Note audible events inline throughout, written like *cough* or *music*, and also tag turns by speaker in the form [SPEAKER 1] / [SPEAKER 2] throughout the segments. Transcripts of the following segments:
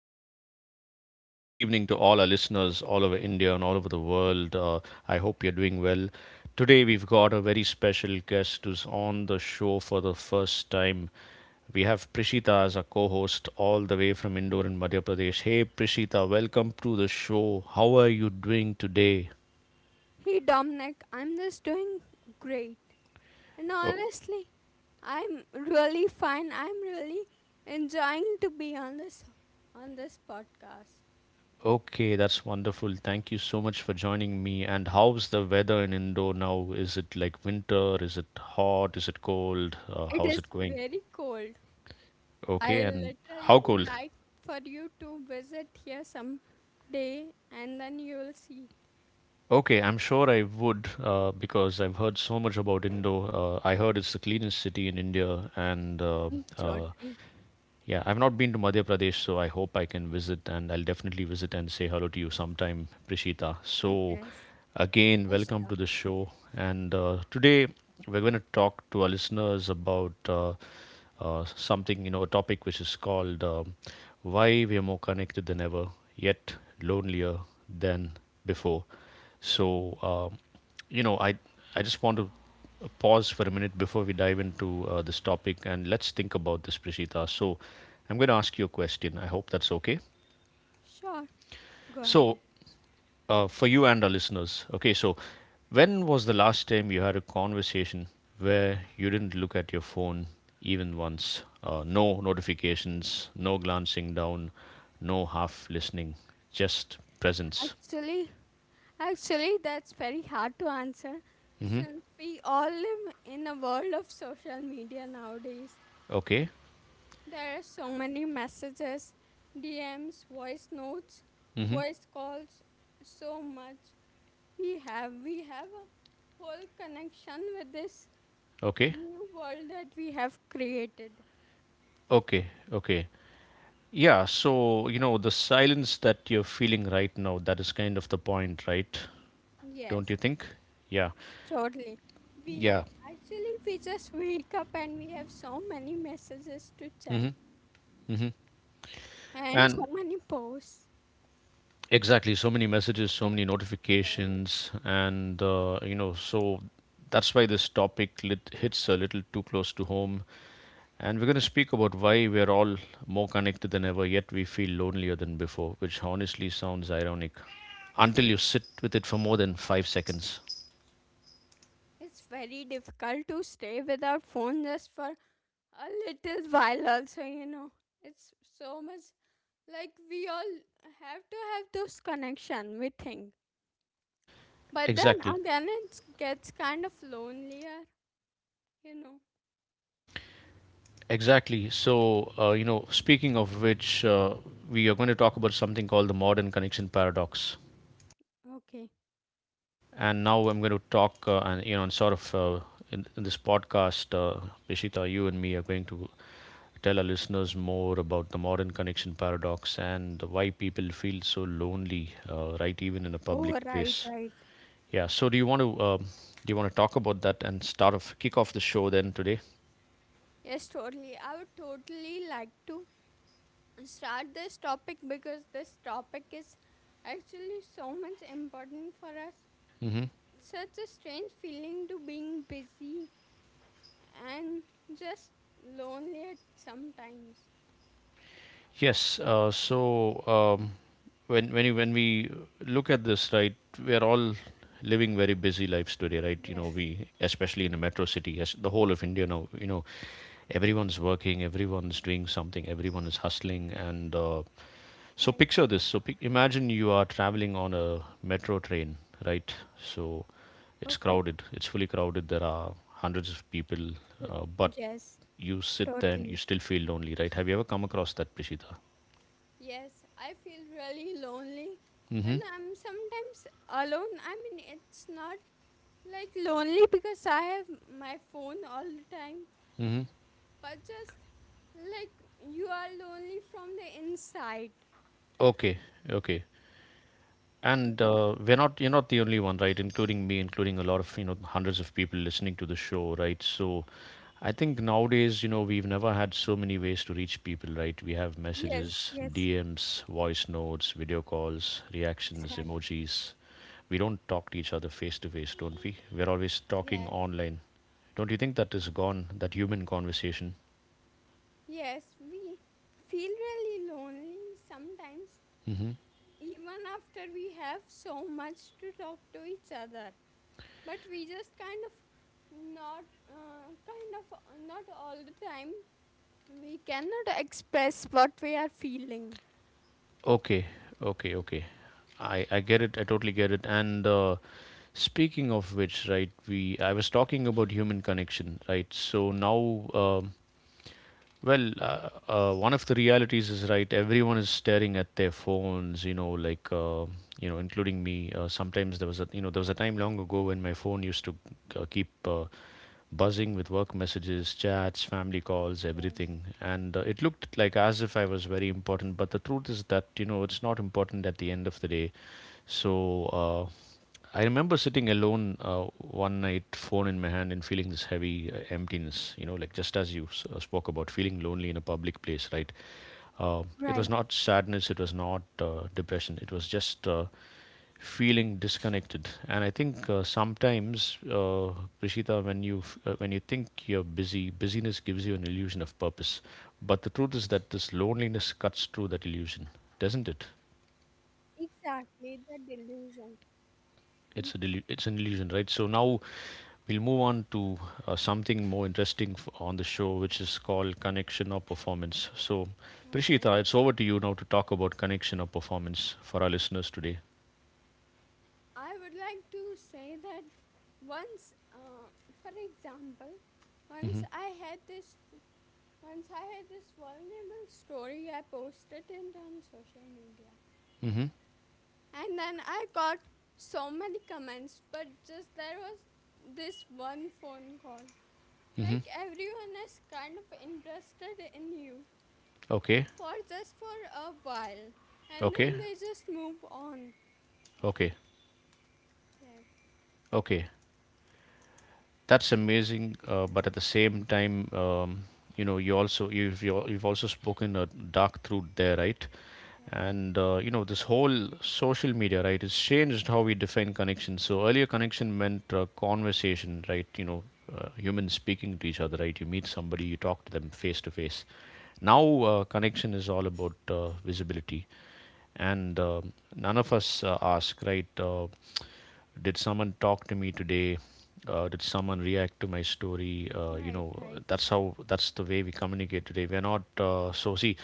[SPEAKER 1] And good evening to all our listeners all over India and all over the world. I hope you're doing well. Today, we've got a very special guest who's on the show for the first time. We have Prishita as a co host all the way from Indore in Madhya Pradesh. Hey, Prishita, welcome to the show. How are you doing today?
[SPEAKER 2] Hey Dominic, I'm just doing great. And honestly, I'm really fine. I'm really enjoying to be on this podcast.
[SPEAKER 1] Okay, that's wonderful. Thank you so much for joining me. And how's the weather in Indore now? Is it like winter? Is it hot? Is it cold?
[SPEAKER 2] It
[SPEAKER 1] How's
[SPEAKER 2] is
[SPEAKER 1] it going?
[SPEAKER 2] very cold. I
[SPEAKER 1] Okay, and
[SPEAKER 2] literally
[SPEAKER 1] how
[SPEAKER 2] would
[SPEAKER 1] cold?
[SPEAKER 2] like for you to visit here some day and then you will see.
[SPEAKER 1] Okay, I'm sure I would because I've heard so much about Indore. I heard it's the cleanest city in India. And
[SPEAKER 2] Mm,
[SPEAKER 1] uh,
[SPEAKER 2] totally.
[SPEAKER 1] Yeah, I've not been to Madhya Pradesh, so I hope I can visit and I'll definitely visit and say hello to you sometime, Prishita. So,
[SPEAKER 2] Yes.
[SPEAKER 1] again,
[SPEAKER 2] Yes,
[SPEAKER 1] welcome
[SPEAKER 2] sure.
[SPEAKER 1] to the show. And today we're going to talk to our listeners about something, a topic which is called Why We Are More Connected Than Ever, Yet Lonelier Than Before. So, um you know, I I just want to pause for a minute before we dive into this topic, and let's think about this, Prishita. So, I'm going to ask you a question. I hope that's okay.
[SPEAKER 2] Sure. Go ahead.
[SPEAKER 1] So, for you and our listeners, okay, so when was the last time you had a conversation where you didn't look at your phone even once? No notifications, no glancing down, no half listening, just presence.
[SPEAKER 2] Actually, actually, that's very hard to answer
[SPEAKER 1] Hmm.
[SPEAKER 2] since we all live in a world of social media nowadays.
[SPEAKER 1] Okay.
[SPEAKER 2] There are so many messages, DMs, voice notes,
[SPEAKER 1] Hmm.
[SPEAKER 2] voice calls, so much. We have a whole connection with this
[SPEAKER 1] Okay.
[SPEAKER 2] new world that we have created.
[SPEAKER 1] Okay. Okay. Yeah, so you know the silence that you're feeling right now, that is kind of the point, right? Don't
[SPEAKER 2] Yes,
[SPEAKER 1] you think? Yeah.
[SPEAKER 2] totally. We
[SPEAKER 1] Yeah.
[SPEAKER 2] we just wake up and we have so many messages to check. And so
[SPEAKER 1] And
[SPEAKER 2] many posts.
[SPEAKER 1] exactly, so many messages, so many
[SPEAKER 2] Yes.
[SPEAKER 1] notifications, and so that's why this topic hits a little too close to home, and we're going to speak about why we're all more connected than ever yet we feel lonelier than before, which honestly sounds ironic until you sit with it for more than 5 seconds.
[SPEAKER 2] It's very difficult to stay without phone just for a little while also, It's so much like we all have to have those connection, we think. But then
[SPEAKER 1] Exactly.
[SPEAKER 2] again it gets kind of lonelier, you know.
[SPEAKER 1] Exactly. So, speaking of which, we are going to talk about something called the modern connection paradox.
[SPEAKER 2] Okay.
[SPEAKER 1] And now I'm going to talk, and sort of, in this podcast, Bishita, you and me are going to tell our listeners more about the modern connection paradox and why people feel so lonely, right, even in a public
[SPEAKER 2] Oh right,
[SPEAKER 1] place.
[SPEAKER 2] right.
[SPEAKER 1] Yeah. So, do you want to talk about that and start off kick off the show then today?
[SPEAKER 2] Yes, totally. I would totally like to start this topic because this topic is actually so much important for us,
[SPEAKER 1] Mm-hmm.
[SPEAKER 2] such a strange feeling to being busy and just lonely at sometimes.
[SPEAKER 1] Yes. So um, when when we look at this, right, we are all living very busy lives today, right? You know,
[SPEAKER 2] Yes,
[SPEAKER 1] we especially in a metro city, as the whole of India now, everyone's working, everyone's doing something, everyone is hustling, and so
[SPEAKER 2] right.
[SPEAKER 1] picture this. So imagine you are traveling on a metro train, right? So it's
[SPEAKER 2] Okay.
[SPEAKER 1] crowded. It's fully crowded. There are hundreds of people,
[SPEAKER 2] Th-
[SPEAKER 1] but
[SPEAKER 2] Yes,
[SPEAKER 1] you sit there and you
[SPEAKER 2] totally.
[SPEAKER 1] still feel lonely, right? Have you ever come across that, Prishita?
[SPEAKER 2] Yes, I feel really lonely when
[SPEAKER 1] Mm-hmm.
[SPEAKER 2] I'm sometimes alone. I mean, it's not like lonely because I have my phone all the time,
[SPEAKER 1] Mm-hmm.
[SPEAKER 2] but just like you are lonely from the inside.
[SPEAKER 1] Okay. Okay.
[SPEAKER 2] Yes,
[SPEAKER 1] And we're not you're not the only one, right? Including me, including a lot of, hundreds of people listening to the show, right? So I think nowadays, we've never had so many ways to reach people, right? We have
[SPEAKER 2] yes,
[SPEAKER 1] messages,
[SPEAKER 2] yes,
[SPEAKER 1] DMs, voice notes, video calls, reactions,
[SPEAKER 2] exactly.
[SPEAKER 1] emojis. We don't talk to each other face to face, don't we? We're always talking
[SPEAKER 2] Yes.
[SPEAKER 1] online. Don't you think that is gone, that human conversation?
[SPEAKER 2] Yes, we feel really lonely sometimes, even after we have so much to talk to each other. But we just not, kind of not all the time. We cannot express what we are feeling.
[SPEAKER 1] Okay, okay, okay. I get it. I totally get it. And speaking of which, right, we I was talking about human connection, right? So now, well, one of the realities is, right, everyone is staring at their phones, like, including me. Sometimes there was a time long ago when my phone used to keep buzzing with work messages, chats, family calls,
[SPEAKER 2] Yes,
[SPEAKER 1] everything. And it looked like as if I was very important. But the truth is that, it's not important at the end of the day. So, I remember sitting alone one night, phone in my hand, and feeling this heavy emptiness. Like just as you spoke about feeling lonely in a public place, right? It was
[SPEAKER 2] right.
[SPEAKER 1] not sadness, it was not depression, it was just feeling disconnected. And I think sometimes, Prishita, when you when you think you're busy, busyness gives you an illusion of purpose. But the truth is that this loneliness cuts through that illusion, doesn't it?
[SPEAKER 2] Exactly, the delusion. Mhm.
[SPEAKER 1] it's a it's an illusion, right? So now we'll move on to something more interesting on the show, which is called
[SPEAKER 2] Yeah,
[SPEAKER 1] connection or performance. So,
[SPEAKER 2] okay.
[SPEAKER 1] Prishita, it's over to you now to talk about connection or performance for our listeners today.
[SPEAKER 2] I would like to say that once, for example,
[SPEAKER 1] Mm-hmm.
[SPEAKER 2] once I had this Once I had this vulnerable story, I posted it on social media.
[SPEAKER 1] Mm-hmm.
[SPEAKER 2] And then I got so many comments, but just there was this one phone call.
[SPEAKER 1] Mm-hmm.
[SPEAKER 2] Like everyone is kind of interested in you
[SPEAKER 1] Okay.
[SPEAKER 2] for just for a while, and
[SPEAKER 1] Okay.
[SPEAKER 2] then they just move on.
[SPEAKER 1] Okay.
[SPEAKER 2] Yes,
[SPEAKER 1] Okay. That's amazing, but at the same time, you've also spoken a dark truth there, right?
[SPEAKER 2] yes.
[SPEAKER 1] And this whole social media, right, has changed how we define connection. So earlier, connection meant conversation, right? Humans speaking to each other, right? You meet somebody, you talk to them face to face. Now, connection is all about visibility, and none of us ask, right, did someone talk to me today? Did someone react to my story?
[SPEAKER 2] Right, right.
[SPEAKER 1] That's the way we communicate today. We're not, so see,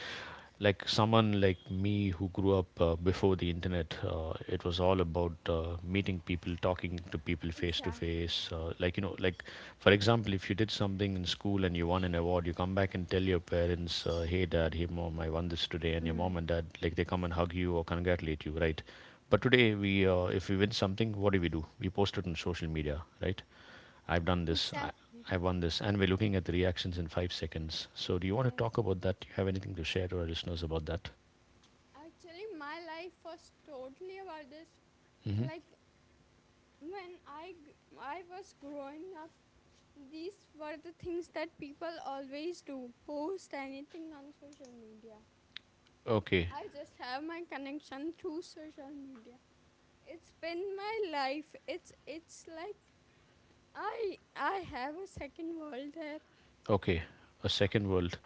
[SPEAKER 1] like someone like me who grew up before the internet, it was all about meeting people, talking to people face to
[SPEAKER 2] Exactly.
[SPEAKER 1] face. For example, if you did something in school and you won an award, you come back and tell your parents, "Hey, dad, hey, mom, I won this today," and your mom
[SPEAKER 2] Right.
[SPEAKER 1] and dad, like, they come and hug you or congratulate you, right? But today, if we win something, what do? We post it on social media, right? I've done this. I,
[SPEAKER 2] Exactly.
[SPEAKER 1] I won this, and we're looking at the reactions in 5 seconds. So, do you want to
[SPEAKER 2] Yes.
[SPEAKER 1] talk about that? Do you have anything to share to our listeners about that?
[SPEAKER 2] Actually, my life was totally about this.
[SPEAKER 1] Hmm.
[SPEAKER 2] Like, when I was growing up, these were the things that people always do: post anything on social media.
[SPEAKER 1] Okay,
[SPEAKER 2] I just have my connection through social media. It's been my life. It's like I have a second world there.
[SPEAKER 1] okay. A second world.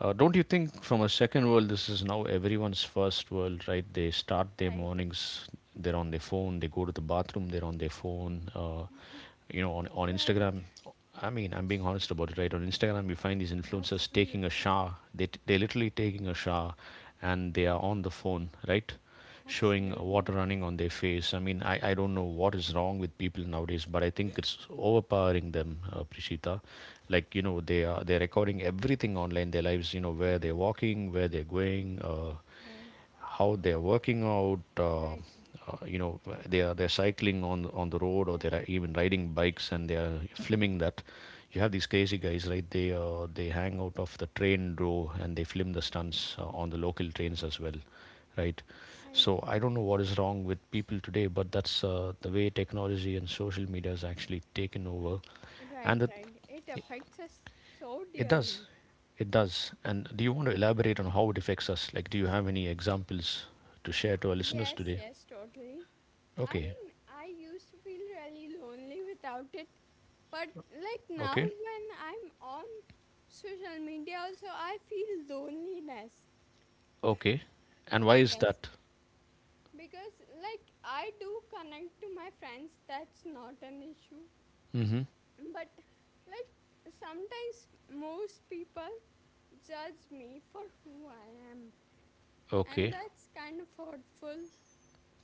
[SPEAKER 1] Don't you think from a second world, this is now everyone's first world, right? They start their
[SPEAKER 2] Right,
[SPEAKER 1] mornings, they're on their phone, they go to the bathroom, they're on their phone. On
[SPEAKER 2] right,
[SPEAKER 1] Instagram, I mean, I'm being honest about it, right? On Instagram, you find these influencers taking a
[SPEAKER 2] absolutely,
[SPEAKER 1] shower. They're literally taking a shower and they are on the phone, right? Showing
[SPEAKER 2] absolutely.
[SPEAKER 1] water running on their face. I mean, I don't know what is wrong with people nowadays, but I think it's overpowering them, Prishita. Like, they're recording everything online, their lives. Where they're
[SPEAKER 2] *laughs*
[SPEAKER 1] walking, where they're going,
[SPEAKER 2] Right,
[SPEAKER 1] how they're working out.
[SPEAKER 2] right, right.
[SPEAKER 1] Uh, you know, they're cycling on the road, or
[SPEAKER 2] Yes,
[SPEAKER 1] they're even riding bikes, and they're filming that. You have these crazy guys, right? They hang out of the train row and they film the stunts on the local trains as well, right?
[SPEAKER 2] right,
[SPEAKER 1] So I don't know what is wrong with people today, but that's the way technology and social media has actually taken over,
[SPEAKER 2] right,
[SPEAKER 1] and it,
[SPEAKER 2] right. It affects us so
[SPEAKER 1] it does,
[SPEAKER 2] dearly.
[SPEAKER 1] it does. And do you want to elaborate on how it affects us? Like, do you have any examples to share to our listeners
[SPEAKER 2] Yes,
[SPEAKER 1] today?
[SPEAKER 2] yes, totally. I
[SPEAKER 1] Okay,
[SPEAKER 2] mean, I used to feel really lonely without it, but like now
[SPEAKER 1] okay,
[SPEAKER 2] when I'm on social media, also I feel loneliness.
[SPEAKER 1] okay. And why is
[SPEAKER 2] Yes.
[SPEAKER 1] that?
[SPEAKER 2] Because like I do connect to my friends, that's not an issue.
[SPEAKER 1] Mm-hmm.
[SPEAKER 2] But like sometimes most people judge me for who I am, and
[SPEAKER 1] Okay,
[SPEAKER 2] that's kind of hurtful.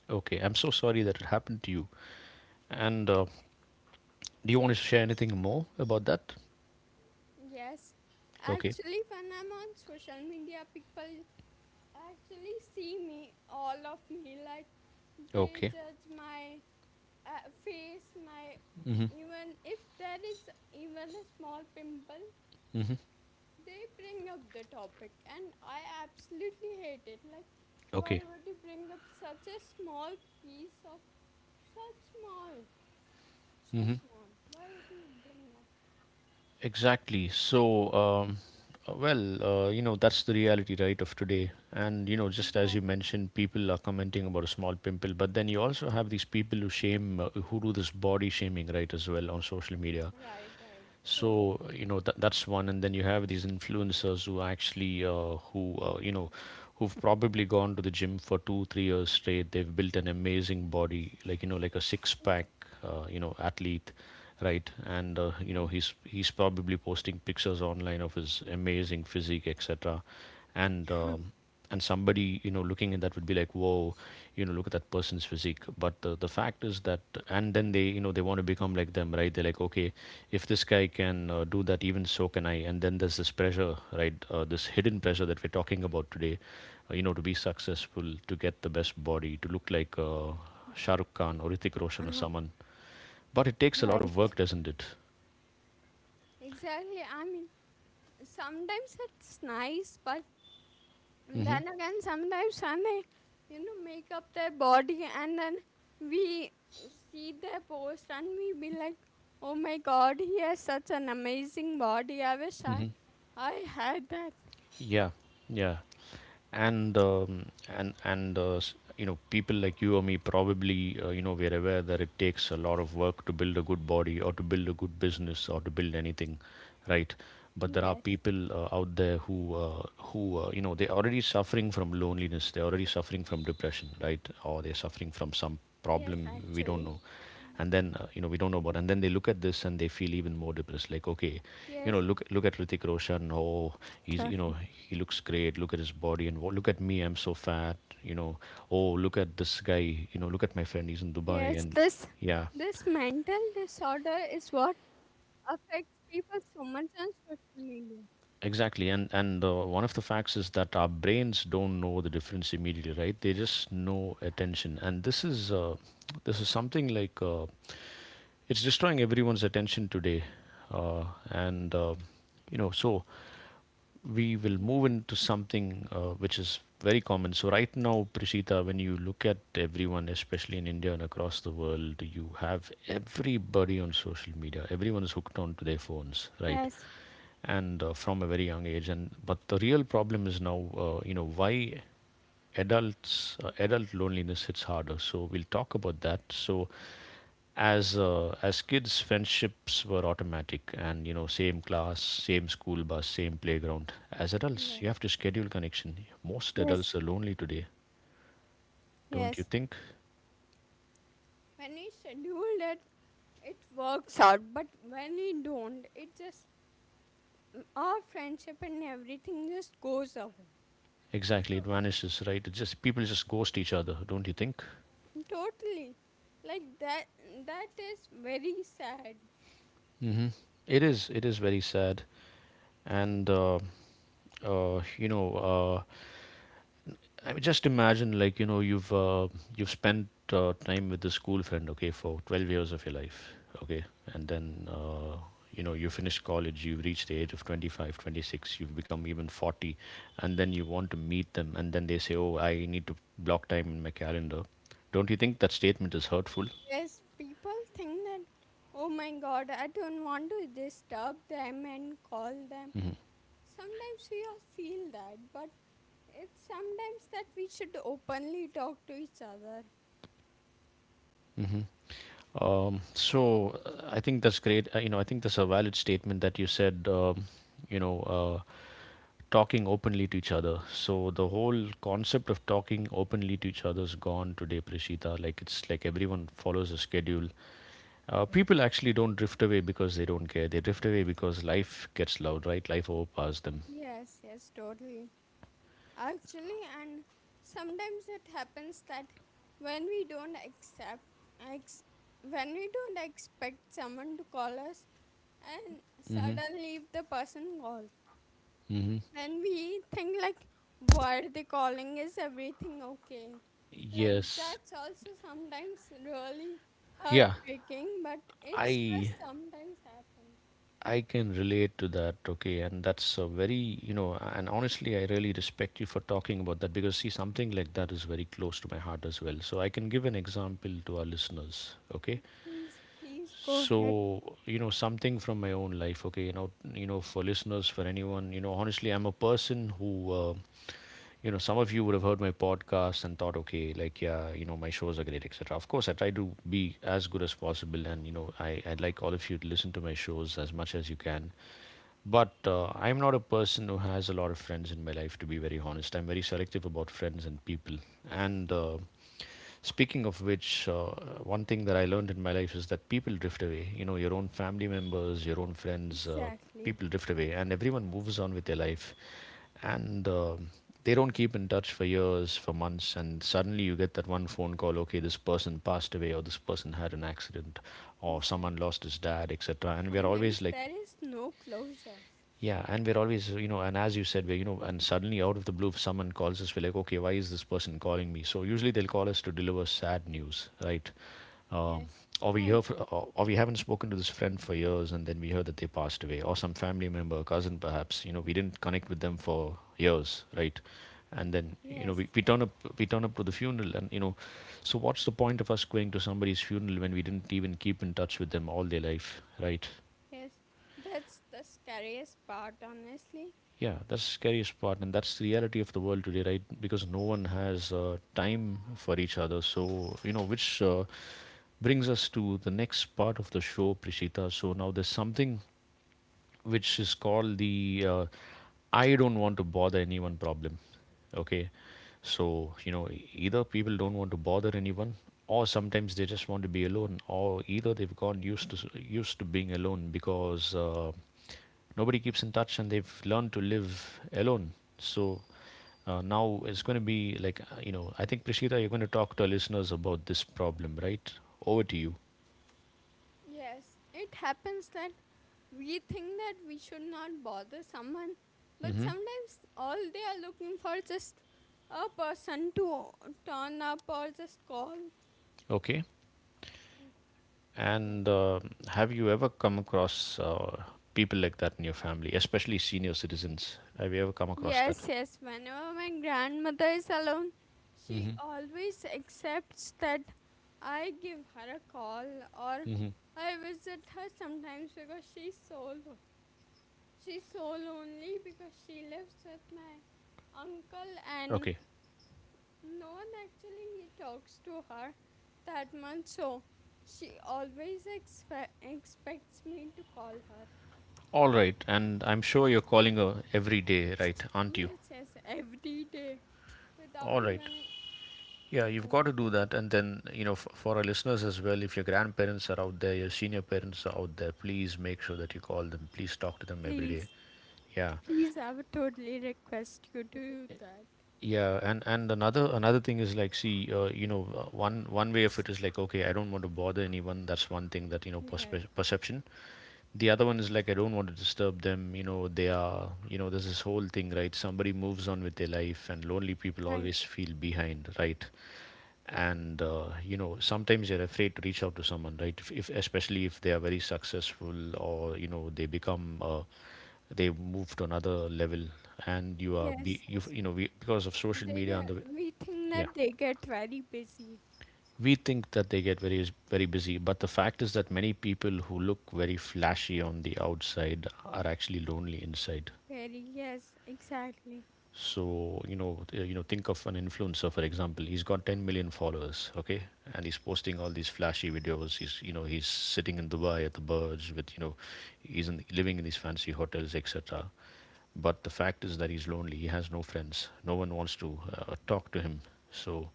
[SPEAKER 1] okay. I'm so sorry that it happened to you. And do you want to share anything more about that?
[SPEAKER 2] Yes,
[SPEAKER 1] Okay,
[SPEAKER 2] actually, when I'm on social media, people actually see me, all of me. Like they
[SPEAKER 1] okay.
[SPEAKER 2] judge my face, my even if there is even a small pimple,
[SPEAKER 1] Mm-hmm.
[SPEAKER 2] they bring up the topic, and I absolutely hate it. Like, why
[SPEAKER 1] Okay.
[SPEAKER 2] would you bring up such a small piece of such small, so small? Why would you bring up?
[SPEAKER 1] Exactly. So, well, that's the reality, right, of today. And, you know, just as you
[SPEAKER 2] Exactly.
[SPEAKER 1] mentioned, people are commenting about a small pimple, but then you also have these people who shame, who do this body shaming, right, as well on social media.
[SPEAKER 2] Right, right, totally.
[SPEAKER 1] So you know that's one, and then you have these influencers who actually who've probably gone to the gym for 2 3 years straight. They've built an amazing body, like you know, like a six
[SPEAKER 2] Yes.
[SPEAKER 1] pack, you know, athlete, right. And
[SPEAKER 2] Right.
[SPEAKER 1] he's probably posting pictures online of his amazing physique, etc. And and somebody, you know, looking at that would be like, whoa, you know, look at that person's physique. But the fact is that, and then they, you know, they want to become like them, right. They're like, okay, if this guy can do that, even so can I. And then there's this pressure, right, this hidden pressure that we're talking about today, you know, to be successful, to get the best body, to look like Shah Rukh Khan or Hrithik Roshan or
[SPEAKER 2] Uh,
[SPEAKER 1] someone. But it takes a lot
[SPEAKER 2] right.
[SPEAKER 1] of work, doesn't it?
[SPEAKER 2] Exactly. I mean, sometimes it's nice, but
[SPEAKER 1] Mm-hmm.
[SPEAKER 2] then again, sometimes when they, you know, make up their body and then we see their post and we be like, oh my god, he has such an amazing body.
[SPEAKER 1] Mm-hmm.
[SPEAKER 2] I had that.
[SPEAKER 1] Yeah. Yeah. And you know, people like you or me probably, you know, we're aware that it takes a lot of work to build a good body or to build a good business or to build anything, right. But there are
[SPEAKER 2] Yes.
[SPEAKER 1] people out there who you know, they're already suffering from loneliness, they're already suffering from depression, right, or they're suffering from some
[SPEAKER 2] Yes,
[SPEAKER 1] problem we don't
[SPEAKER 2] actually.
[SPEAKER 1] know,
[SPEAKER 2] Mm.
[SPEAKER 1] and then you know, we don't know about. And then they look at this and they feel even more depressed, like, okay, you know,
[SPEAKER 2] Yes,
[SPEAKER 1] look at Ritik Roshan. Oh, he's, you know,
[SPEAKER 2] totally.
[SPEAKER 1] he looks great. Look at his body. And what, look at me, I'm so fat, you know. Oh, look at this guy, you know, look at my friend, he's in Dubai.
[SPEAKER 2] Yes,
[SPEAKER 1] And
[SPEAKER 2] this
[SPEAKER 1] yeah.
[SPEAKER 2] this mental disorder is what affects people so much on social media.
[SPEAKER 1] Exactly. And one of the facts is that our brains don't know the difference immediately, right? They just know attention, and this is this is something like, it's destroying everyone's attention today. Uh, and You know, so we will
[SPEAKER 2] Yeah.
[SPEAKER 1] move into something which is very common. So right now, Prishita, when you look at everyone, especially in India and across the world, you have everybody on social media. Everyone is hooked onto their phones, right?
[SPEAKER 2] Yes,
[SPEAKER 1] And from a very young age. And but the real problem is now, you know, why adults adult loneliness hits harder. So we'll talk about that. So as kids, friendships were automatic, and you know, same class, same school bus, same playground. As adults,
[SPEAKER 2] yes.
[SPEAKER 1] you have to schedule connection. Most
[SPEAKER 2] Yes,
[SPEAKER 1] adults are lonely today, don't you
[SPEAKER 2] yes.
[SPEAKER 1] think?
[SPEAKER 2] When we schedule it, it works out. But when we don't, it just mm, our friendship and everything just goes away.
[SPEAKER 1] Exactly, it
[SPEAKER 2] So
[SPEAKER 1] vanishes, right. It's just people just ghost each other, don't you think?
[SPEAKER 2] totally, like that. That is very sad.
[SPEAKER 1] Mm-hmm. It is, it is very sad. And uh, you know uh, I mean, just imagine, like, you know, you've spent time with the school friend, okay, for 12 years of your life, okay, and then you know, you finished college, you've reached the age of 20, you've become even 40, and then you want to meet them, and then they say, "Oh, I need to block time in my calendar." Don't you think that statement is hurtful?
[SPEAKER 2] Yes, people think that. Oh my God, I don't want to disturb them and call them. Sometimes we all feel that, but it's sometimes that we should openly talk to each other.
[SPEAKER 1] Hmm. So I think that's great. You know, I think that's a valid statement that you said. You know, uh, Talking openly to each other. So the whole concept of talking openly to each other is gone today, Prishita. Like, it's like everyone follows a schedule. People actually don't drift away because they don't care. They drift away because life gets loud, right? Life overpowers them.
[SPEAKER 2] Yes, yes, totally. Actually, and sometimes it happens that when we don't accept, ex, when we don't expect someone to call us, and suddenly if the person calls,
[SPEAKER 1] Hmm.
[SPEAKER 2] then we think like, why are they calling? Is everything okay? Like
[SPEAKER 1] Yes.
[SPEAKER 2] that's also sometimes really
[SPEAKER 1] Yeah.
[SPEAKER 2] heartbreaking, but it's
[SPEAKER 1] I
[SPEAKER 2] just sometimes happen.
[SPEAKER 1] I can relate to that. Okay, and that's a very, you know, and honestly, I really respect you for talking about that, because see, something like that is very close to my heart as well. So I can give an example to our listeners. Okay.
[SPEAKER 2] Please, please go ahead.
[SPEAKER 1] So, you know, something from my own life, okay, you know, for listeners, for anyone, you know, honestly, I'm a person who, you know, some of you would have heard my podcast and thought, okay, like, yeah, you know, my shows are great, etc. Of course, I try to be as good as possible, and you know, I'd like all of you to listen to my shows as much as you can. But I'm not a person who has a lot of friends in my life, to be very honest. I'm very selective about friends and people, and speaking of which, one thing that I learned in my life is that people drift away. You know, your own family members, your own friends,
[SPEAKER 2] Exactly.
[SPEAKER 1] people drift away, and everyone moves on with their life. And they don't keep in touch for years, for months, and suddenly you get that one phone call. Okay, this person passed away, or this person had an accident, or
[SPEAKER 2] Exactly.
[SPEAKER 1] someone lost his dad, etc. And we're always
[SPEAKER 2] Sometimes
[SPEAKER 1] like,
[SPEAKER 2] there is no closure.
[SPEAKER 1] yeah, and we're always, you know, and as you said, we're, you know, and suddenly out of the blue, if someone calls us, we're like, okay, why is this person calling me? So usually they'll call us to deliver sad news, right? Um,
[SPEAKER 2] Yes,
[SPEAKER 1] or we hear,
[SPEAKER 2] right.
[SPEAKER 1] fr or we haven't spoken to this friend for years, and then we hear that they passed away, or some family member, cousin, perhaps. You know, we didn't connect with them for years, right? And then, you know,
[SPEAKER 2] Yes,
[SPEAKER 1] we turn up, we turn up to the funeral, and you know, so what's the point of us going to somebody's funeral when we didn't even keep in touch with them all their life, right?
[SPEAKER 2] yes. That's the scariest part, honestly.
[SPEAKER 1] Yeah, that's the scariest part, and that's the reality of the world today, right? Because no one has time for each other. So, you know, which brings us to the next part of the show, Prishita. So, now there's something which is called the, I don't want to bother anyone problem. Okay. So, you know, either people don't want to bother anyone, or sometimes they just want to be alone, or either they've gone used to used to being alone because nobody keeps in touch and they've learned to live alone. So, now it's going to be like, you know, I think Prashita, you're going to talk to our listeners about this problem, right? Over to you.
[SPEAKER 2] Yes, it happens that we think that we should not bother someone, but
[SPEAKER 1] Hmm.
[SPEAKER 2] sometimes all they are looking for just a person to turn up or just call.
[SPEAKER 1] Okay. And have you ever come across people like that in your family, especially senior citizens? Have you ever come across that?
[SPEAKER 2] Yes, yes. Whenever my grandmother is alone, she
[SPEAKER 1] Mm-hmm.
[SPEAKER 2] always accepts that I give her a call or
[SPEAKER 1] Mm-hmm.
[SPEAKER 2] I visit her sometimes because she's so lonely because she lives with my uncle and
[SPEAKER 1] Okay.
[SPEAKER 2] no one actually he talks to her that much. So she always expects me to call her.
[SPEAKER 1] All right. And I'm sure
[SPEAKER 2] Yes.
[SPEAKER 1] you're calling her every day, right? Aren't you?
[SPEAKER 2] Yes, yes, every day without
[SPEAKER 1] All right.
[SPEAKER 2] even
[SPEAKER 1] Yeah, you've got to do
[SPEAKER 2] thinking.
[SPEAKER 1] that. And then, you know, for our listeners as well, if your grandparents are out there, your senior parents are out there, please make sure that you call them. Please talk to them every day.
[SPEAKER 2] Please,
[SPEAKER 1] Yeah.
[SPEAKER 2] please, I would totally request you to do that.
[SPEAKER 1] Yeah, and another thing is like, see, one way of it is like, okay, I don't want to bother anyone. That's one thing that, you know,
[SPEAKER 2] Yes,
[SPEAKER 1] perception. The other one is like, I don't want to disturb them. You know, they are, you know, there's this whole thing, right? Somebody moves on with their life, and lonely people
[SPEAKER 2] right.
[SPEAKER 1] always feel behind, right? And you know, sometimes you're afraid to reach out to someone, right? If especially if they are very successful, or you know, they become they move to another level, and you are, be
[SPEAKER 2] Yes,
[SPEAKER 1] you
[SPEAKER 2] yes.
[SPEAKER 1] you know, we, because of social
[SPEAKER 2] They
[SPEAKER 1] media and
[SPEAKER 2] get,
[SPEAKER 1] the,
[SPEAKER 2] we think
[SPEAKER 1] yeah,
[SPEAKER 2] that they get very busy.
[SPEAKER 1] we think that they get very very busy, but the fact is that many people who look very flashy on the outside are actually lonely inside.
[SPEAKER 2] Very, yes, exactly.
[SPEAKER 1] So you know, you know, think of an influencer, for example. He's got 10 million followers, okay, and he's posting all these flashy videos. He's, you know, he's sitting in Dubai at the Burj with, you know, he's in, living in these fancy hotels, etc. But the fact is that he's lonely. He has no friends. No one wants to talk to him. So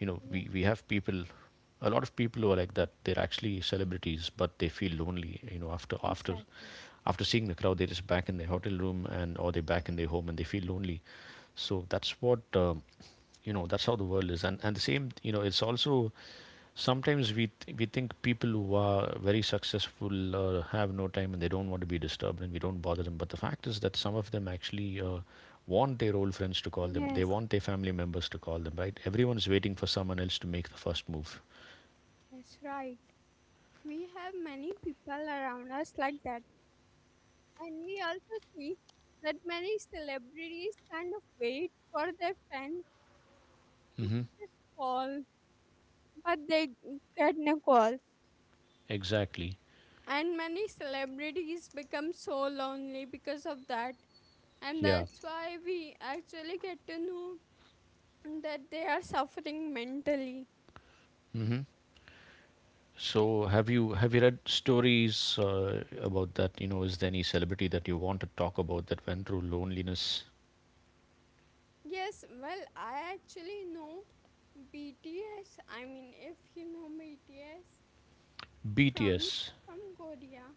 [SPEAKER 1] you know, we
[SPEAKER 2] Yes,
[SPEAKER 1] have people, a lot of people who are like that. They're actually celebrities, but they feel lonely, you know, after
[SPEAKER 2] exactly.
[SPEAKER 1] after seeing the crowd, they're just back in their hotel room, and or they're back in their home and they feel lonely. So that's what, you know, that's how the world is. And the same, you know, it's also, sometimes we we think people who are very successful have no time and they don't want to be disturbed, and we don't bother them. But the fact is that some of them actually want their old friends to call them. They
[SPEAKER 2] Yes,
[SPEAKER 1] want their family members to call them, right? Everyone's waiting for someone else to make the first move.
[SPEAKER 2] yes, right. We have many people around us like that. And we also see that many celebrities kind of wait for their friends
[SPEAKER 1] Hmm.
[SPEAKER 2] to call, but they get no calls.
[SPEAKER 1] Exactly.
[SPEAKER 2] And many celebrities become so lonely because of that, and
[SPEAKER 1] Yeah.
[SPEAKER 2] that's why we actually get to know that they are suffering mentally.
[SPEAKER 1] Hmm. So have you read stories uh, about that? You know, is there any celebrity that you want to talk about that went through loneliness?
[SPEAKER 2] Yes, well, I actually know BTS. I mean, if you know BTS, from
[SPEAKER 1] BTS.
[SPEAKER 2] Korea,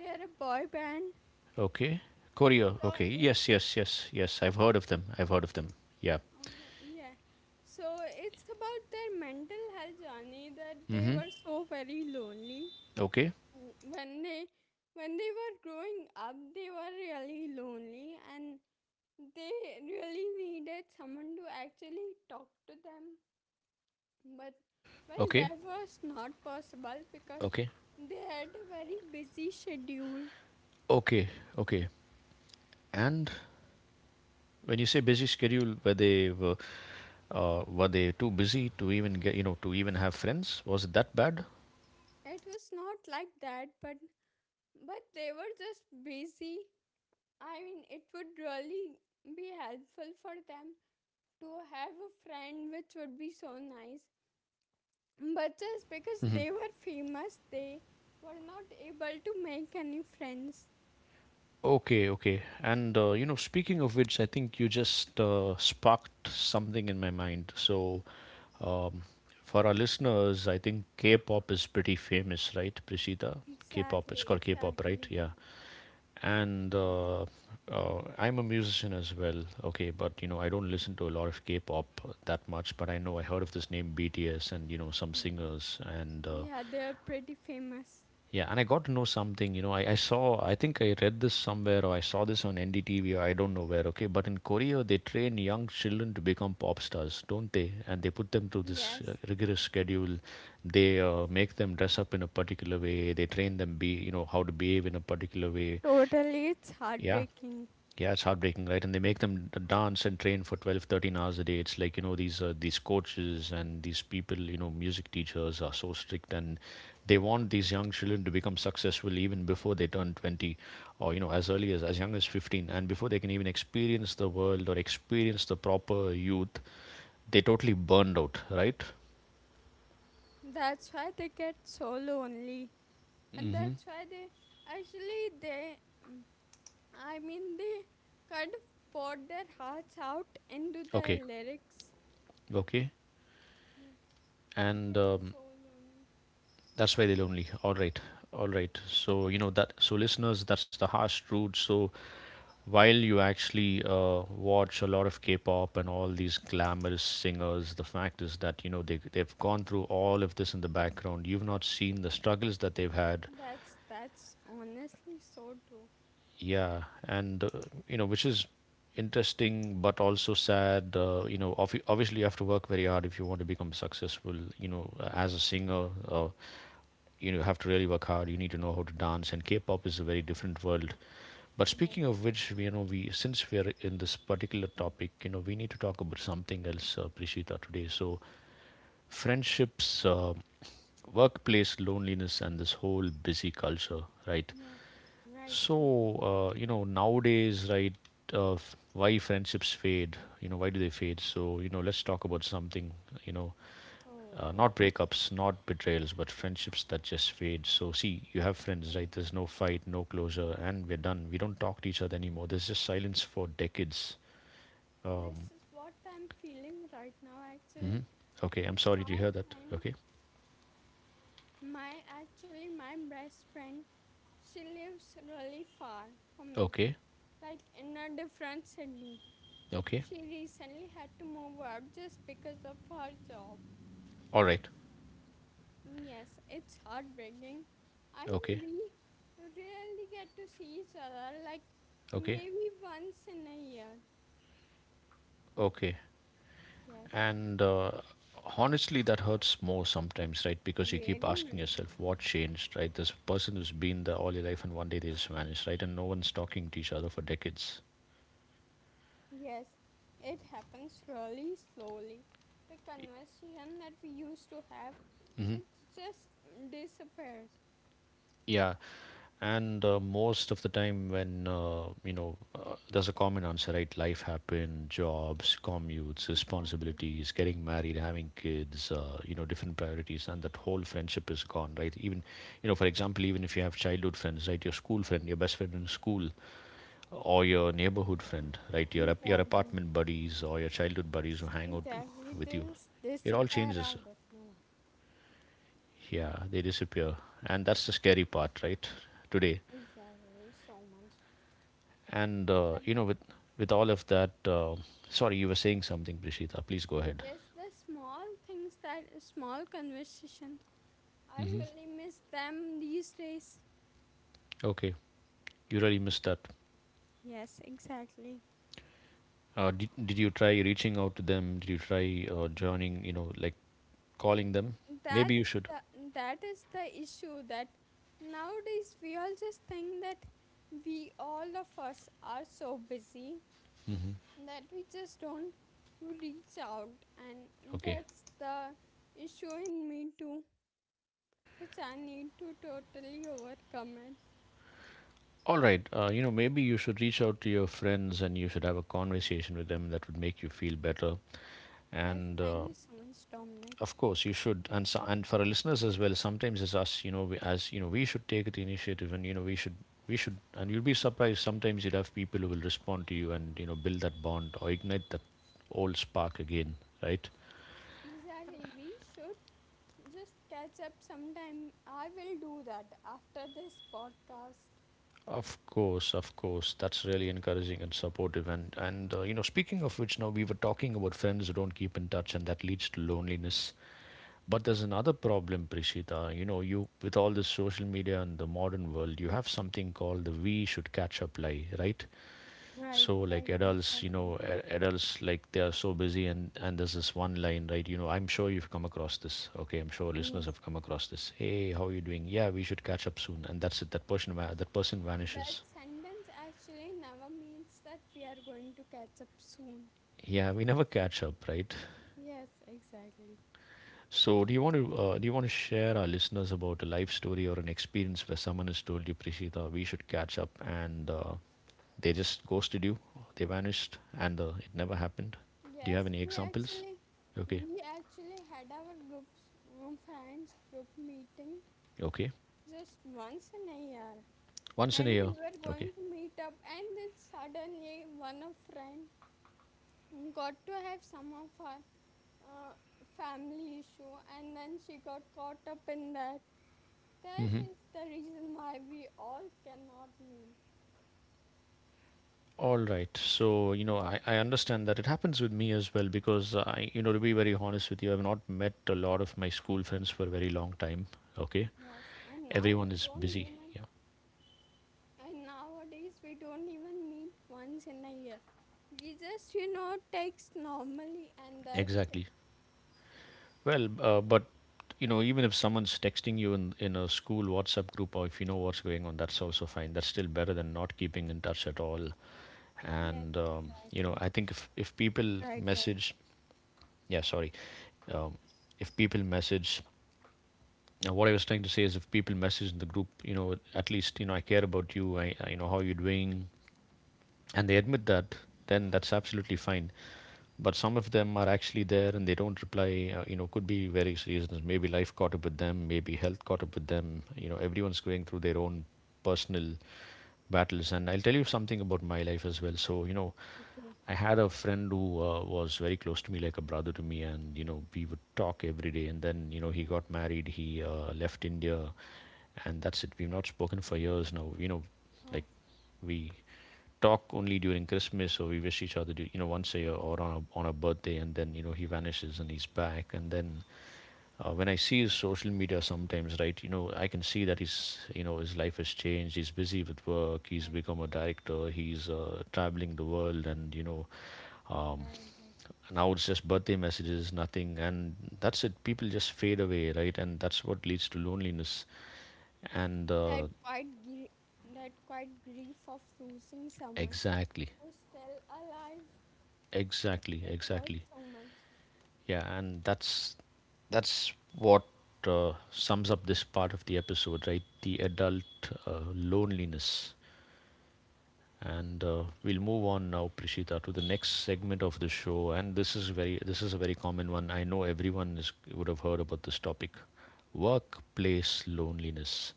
[SPEAKER 2] they are a boy band.
[SPEAKER 1] Okay. Korea.
[SPEAKER 2] So
[SPEAKER 1] Okay. Yes,
[SPEAKER 2] it's
[SPEAKER 1] yes, yes, yes. I've heard of them. I've heard of them. Yeah.
[SPEAKER 2] okay, yeah. So it's about their mental health journey, that they
[SPEAKER 1] Mm-hmm.
[SPEAKER 2] were so very lonely
[SPEAKER 1] Okay.
[SPEAKER 2] when they when they were growing up. They were really lonely and they really needed someone to actually talk to them, but well,
[SPEAKER 1] Okay.
[SPEAKER 2] that was not possible because
[SPEAKER 1] Okay.
[SPEAKER 2] they had a very busy schedule.
[SPEAKER 1] Okay. Okay. And when you say busy schedule, were they too busy to even get to even have friends? Was it that bad?
[SPEAKER 2] It was not like that, but they were just busy. I mean, it would really be helpful for them to have a friend, which would be so nice. But just because
[SPEAKER 1] Mm-hmm.
[SPEAKER 2] they were famous, they were not able to make any friends.
[SPEAKER 1] Okay. Okay. And you know, speaking of which, I think you just sparked something in my mind. Um, for our listeners, I think K-pop is pretty famous, right, Prishita? K-pop, it's
[SPEAKER 2] Exactly,
[SPEAKER 1] called K-pop, right?
[SPEAKER 2] exactly.
[SPEAKER 1] Yeah. And
[SPEAKER 2] Yes.
[SPEAKER 1] I'm a musician as well. Okay, but you know, I don't listen to a lot of K-pop that much, but I know I heard of this name BTS and you know some
[SPEAKER 2] Mm.
[SPEAKER 1] singers and
[SPEAKER 2] Yeah, they are pretty famous.
[SPEAKER 1] yeah, and I got to know something. You know, I saw, I think I read this somewhere or I saw this on NDTV or I don't know where, okay? But in Korea, they train young children to become pop stars, don't they? And they put them through this
[SPEAKER 2] Yes.
[SPEAKER 1] rigorous schedule. They make them dress up in a particular way. They train them, be, you know, how to behave in a particular way.
[SPEAKER 2] Totally, it's
[SPEAKER 1] Yeah.
[SPEAKER 2] heartbreaking.
[SPEAKER 1] Yeah, it's heartbreaking, right? And they make them dance and train for 12, 13 hours a day. It's like, you know, these coaches and these people, you know, music teachers are so strict, and they want these young children to become successful even before they turn 20, or, you know, as early as young as 15, and before they can even experience the world or experience the proper youth, they totally burned out, right?
[SPEAKER 2] That's why they get so lonely. And
[SPEAKER 1] Mm-hmm.
[SPEAKER 2] that's why actually, they, mm, I mean, they kind of poured their hearts out into
[SPEAKER 1] Okay.
[SPEAKER 2] their lyrics.
[SPEAKER 1] Okay.
[SPEAKER 2] Yes.
[SPEAKER 1] And
[SPEAKER 2] They were so lonely.
[SPEAKER 1] that's why they're lonely. All right, all right. So you know that. So listeners, that's the harsh truth. So while you actually watch a lot of K-pop and all these glamorous singers, the fact is that you know they've gone through all of this in the background. You've not seen the struggles that they've had,
[SPEAKER 2] That's honestly so true.
[SPEAKER 1] yeah, and you know, which is interesting but also sad. You know, obviously you have to work very hard if you want to become successful. You know, as a singer, you know, you have to really work hard. You need to know how to dance, and K-pop is a very different world. But
[SPEAKER 2] Yes,
[SPEAKER 1] speaking of which, you know, we since we are in this particular topic, you know, we need to talk about something else, Prishita, today. So, friendships, workplace loneliness, and this whole busy culture, right?
[SPEAKER 2] yes, right, true.
[SPEAKER 1] So, you know, nowadays, right, why friendships fade? You know, why do they fade? So, you know, let's talk about something, you know,
[SPEAKER 2] Oh, yeah.
[SPEAKER 1] not breakups, not betrayals, but friendships that just fade. So, see, you have
[SPEAKER 2] Oh,
[SPEAKER 1] friends,
[SPEAKER 2] yeah.
[SPEAKER 1] right? There's no fight, no closure, and we're done. We don't talk to each other anymore. There's just silence for decades. Um,
[SPEAKER 2] This is what I'm feeling right now, actually,
[SPEAKER 1] mhm. Okay,
[SPEAKER 2] because
[SPEAKER 1] I'm sorry to
[SPEAKER 2] my
[SPEAKER 1] hear that.
[SPEAKER 2] friend,
[SPEAKER 1] Okay,
[SPEAKER 2] my best friend, she lives really far from me,
[SPEAKER 1] okay,
[SPEAKER 2] like in a different city.
[SPEAKER 1] okay.
[SPEAKER 2] She recently had to move out just because of her job.
[SPEAKER 1] All right.
[SPEAKER 2] Yes, it's heartbreaking. I
[SPEAKER 1] Okay,
[SPEAKER 2] mean, we rarely get to see each other, like
[SPEAKER 1] okay,
[SPEAKER 2] maybe once in a year.
[SPEAKER 1] okay.
[SPEAKER 2] Yes,
[SPEAKER 1] And honestly, that hurts more sometimes, right? Because you
[SPEAKER 2] very
[SPEAKER 1] keep asking
[SPEAKER 2] much.
[SPEAKER 1] yourself, what changed, right? This person who's been there all your life, and one day they just vanished, right? And no one's talking to each other for decades.
[SPEAKER 2] Yes, it happens really slowly. The conversation that we used to have,
[SPEAKER 1] Hmm.
[SPEAKER 2] it just disappears.
[SPEAKER 1] Yeah, and most of the time when there's a common answer, right? Life happened, jobs, commutes,
[SPEAKER 2] Exactly.
[SPEAKER 1] responsibilities, getting married, having kids, you know, different priorities, and that whole friendship is gone, right? Even you know, for example, even if you have childhood friends, right? Your school friend, your best friend in school, or your neighborhood
[SPEAKER 2] E-
[SPEAKER 1] friend, right? Your your
[SPEAKER 2] Exactly.
[SPEAKER 1] apartment buddies or your childhood buddies who hang out
[SPEAKER 2] Exactly,
[SPEAKER 1] with you.
[SPEAKER 2] this
[SPEAKER 1] It all
[SPEAKER 2] disappear
[SPEAKER 1] changes.
[SPEAKER 2] out of nowhere.
[SPEAKER 1] Yeah, they disappear, and that's the scary part, right? Today,
[SPEAKER 2] Exactly, so much.
[SPEAKER 1] and you
[SPEAKER 2] And
[SPEAKER 1] know, with all of that, sorry, you were saying something, Prishita. Please go ahead.
[SPEAKER 2] yes, the small things, that small conversation, I
[SPEAKER 1] Hmm.
[SPEAKER 2] really miss them these days.
[SPEAKER 1] Okay, you really missed that.
[SPEAKER 2] Yes, exactly.
[SPEAKER 1] Did you try reaching out to them? Did you try joining? You know, like calling them? Maybe
[SPEAKER 2] that's
[SPEAKER 1] you should.
[SPEAKER 2] that is the issue, that nowadays we all just think that we all of us are so busy that we just don't reach out, and
[SPEAKER 1] Okay.
[SPEAKER 2] that's the issue in me too, which I need to totally overcome it.
[SPEAKER 1] All right, you know, maybe you should reach out to your friends and you should have a conversation with them that would make you feel better.
[SPEAKER 2] Yes,
[SPEAKER 1] And
[SPEAKER 2] thank you so much, Dominic.
[SPEAKER 1] of course, you should. And so, and for our listeners as well, sometimes it's us. You know, we, as you know, we should take the initiative, and you know, we should. And you'll be surprised. Sometimes you would have people who will respond to you and you know build that bond or ignite that old spark again, right?
[SPEAKER 2] Exactly, we should just catch up sometime. I will do that after this podcast.
[SPEAKER 1] Of course, of course. That's really encouraging and supportive. And you know, speaking of which, now we were talking about friends who don't keep in touch, and that leads to loneliness. But there's another problem, Prishita. You know, you with all this social media and the modern world, you have something called the "we should catch up" lie, right?
[SPEAKER 2] Right,
[SPEAKER 1] So, like
[SPEAKER 2] right,
[SPEAKER 1] adults, you know,
[SPEAKER 2] exactly.
[SPEAKER 1] adults like they are so busy, and there's this one line, right? You know, I'm sure you've come across this. Okay, I'm sure listeners
[SPEAKER 2] Yes.
[SPEAKER 1] have come across this. Hey, how are you doing? Yeah, we should catch up soon, and that's it. That person
[SPEAKER 2] That
[SPEAKER 1] vanishes.
[SPEAKER 2] sentence actually never means that we are going to catch up soon.
[SPEAKER 1] Yeah, we never catch up, right?
[SPEAKER 2] Yes, exactly.
[SPEAKER 1] So, do you want to do you want to share our listeners about a life story or an experience where someone has told you, Prishita, we should catch up, and they just ghosted you, they vanished, and it never happened? Do
[SPEAKER 2] Yes,
[SPEAKER 1] you have any
[SPEAKER 2] we
[SPEAKER 1] examples?
[SPEAKER 2] actually
[SPEAKER 1] Okay,
[SPEAKER 2] we actually had our groups friends group meeting
[SPEAKER 1] okay.
[SPEAKER 2] just once in a year,
[SPEAKER 1] Once in a
[SPEAKER 2] and we
[SPEAKER 1] year.
[SPEAKER 2] were going
[SPEAKER 1] Okay.
[SPEAKER 2] to meet up, and then suddenly one of friend got to have some of her uh, family issue, and then she got caught up in that. That
[SPEAKER 1] Hmm.
[SPEAKER 2] is the reason why we all cannot meet.
[SPEAKER 1] All right. So, you know, I understand that it happens with me as well because I, you know, to be very honest with you, I've not met a lot of my school friends for a very long time. Okay.
[SPEAKER 2] Yes, and now we
[SPEAKER 1] Everyone is
[SPEAKER 2] don't
[SPEAKER 1] busy.
[SPEAKER 2] even,
[SPEAKER 1] Yeah.
[SPEAKER 2] and nowadays we don't even meet once in a year. We just, you know, text normally and that's it.
[SPEAKER 1] Exactly. Well, but you know, even if someone's texting you in a school WhatsApp group, or if you know what's going on, that's also fine. That's still better than not keeping in touch at all.
[SPEAKER 2] Yes,
[SPEAKER 1] And you know,
[SPEAKER 2] exactly.
[SPEAKER 1] I think if people
[SPEAKER 2] Right, right.
[SPEAKER 1] message, yeah, sorry, um, if people message. Now, what I was trying to say is, if people message in the group, you know, at least you know I care about you. I you know how you're doing, and they admit that, then that's absolutely fine. But some of them are actually there and they don't reply. You know, could be various reasons. Maybe life caught up with them, maybe health caught up with them. You know, everyone's going through their own personal battles, and I'll tell you something about my life as
[SPEAKER 2] Yes.
[SPEAKER 1] well. So you know,
[SPEAKER 2] Okay.
[SPEAKER 1] I had a friend who was very close to me, like a brother to me, and you know we would talk every day, and then you know
[SPEAKER 2] Yeah.
[SPEAKER 1] he got married, he left India, and that's it. We've not spoken for years now, you know,
[SPEAKER 2] Oh,
[SPEAKER 1] like we talk only during Christmas, or we wish each other, you know, once a year or on a birthday, and then you know he vanishes and he's back, and then when I see his social media sometimes, right, you know, I can see that he's, you know, his life has changed. He's busy with work. He's
[SPEAKER 2] yes.
[SPEAKER 1] become a director. He's traveling the world, and you know, um,
[SPEAKER 2] Right, right.
[SPEAKER 1] now it's just birthday messages, nothing, and that's it. People just fade away, right, and that's what leads to loneliness. And
[SPEAKER 2] That quite gr- that quite grief of losing someone
[SPEAKER 1] exactly,
[SPEAKER 2] who's still alive,
[SPEAKER 1] exactly,
[SPEAKER 2] it hurts
[SPEAKER 1] exactly.
[SPEAKER 2] so much.
[SPEAKER 1] Yeah, and that's what sums up this part of the episode, right? The adult loneliness. And we'll move on now, Prishita, to the next segment of the show. And this is a very common one. I know everyone is, would have heard about this topic, workplace loneliness,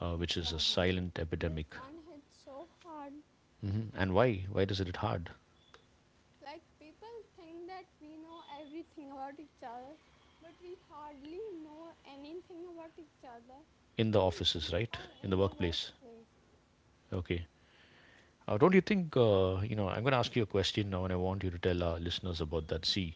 [SPEAKER 1] which is a
[SPEAKER 2] Exactly.
[SPEAKER 1] silent
[SPEAKER 2] This
[SPEAKER 1] epidemic.
[SPEAKER 2] one hit so hard.
[SPEAKER 1] Hmm. And why? Why does it hit hard
[SPEAKER 2] Like people think that we know everything about each other, but we hardly know anything about each other,
[SPEAKER 1] in the
[SPEAKER 2] or
[SPEAKER 1] offices, right?
[SPEAKER 2] people
[SPEAKER 1] In
[SPEAKER 2] in
[SPEAKER 1] the
[SPEAKER 2] the
[SPEAKER 1] workplace.
[SPEAKER 2] workplace.
[SPEAKER 1] Okay. Don't you think, you know, I'm going to ask you a question now, and I want you to tell our listeners about that. See,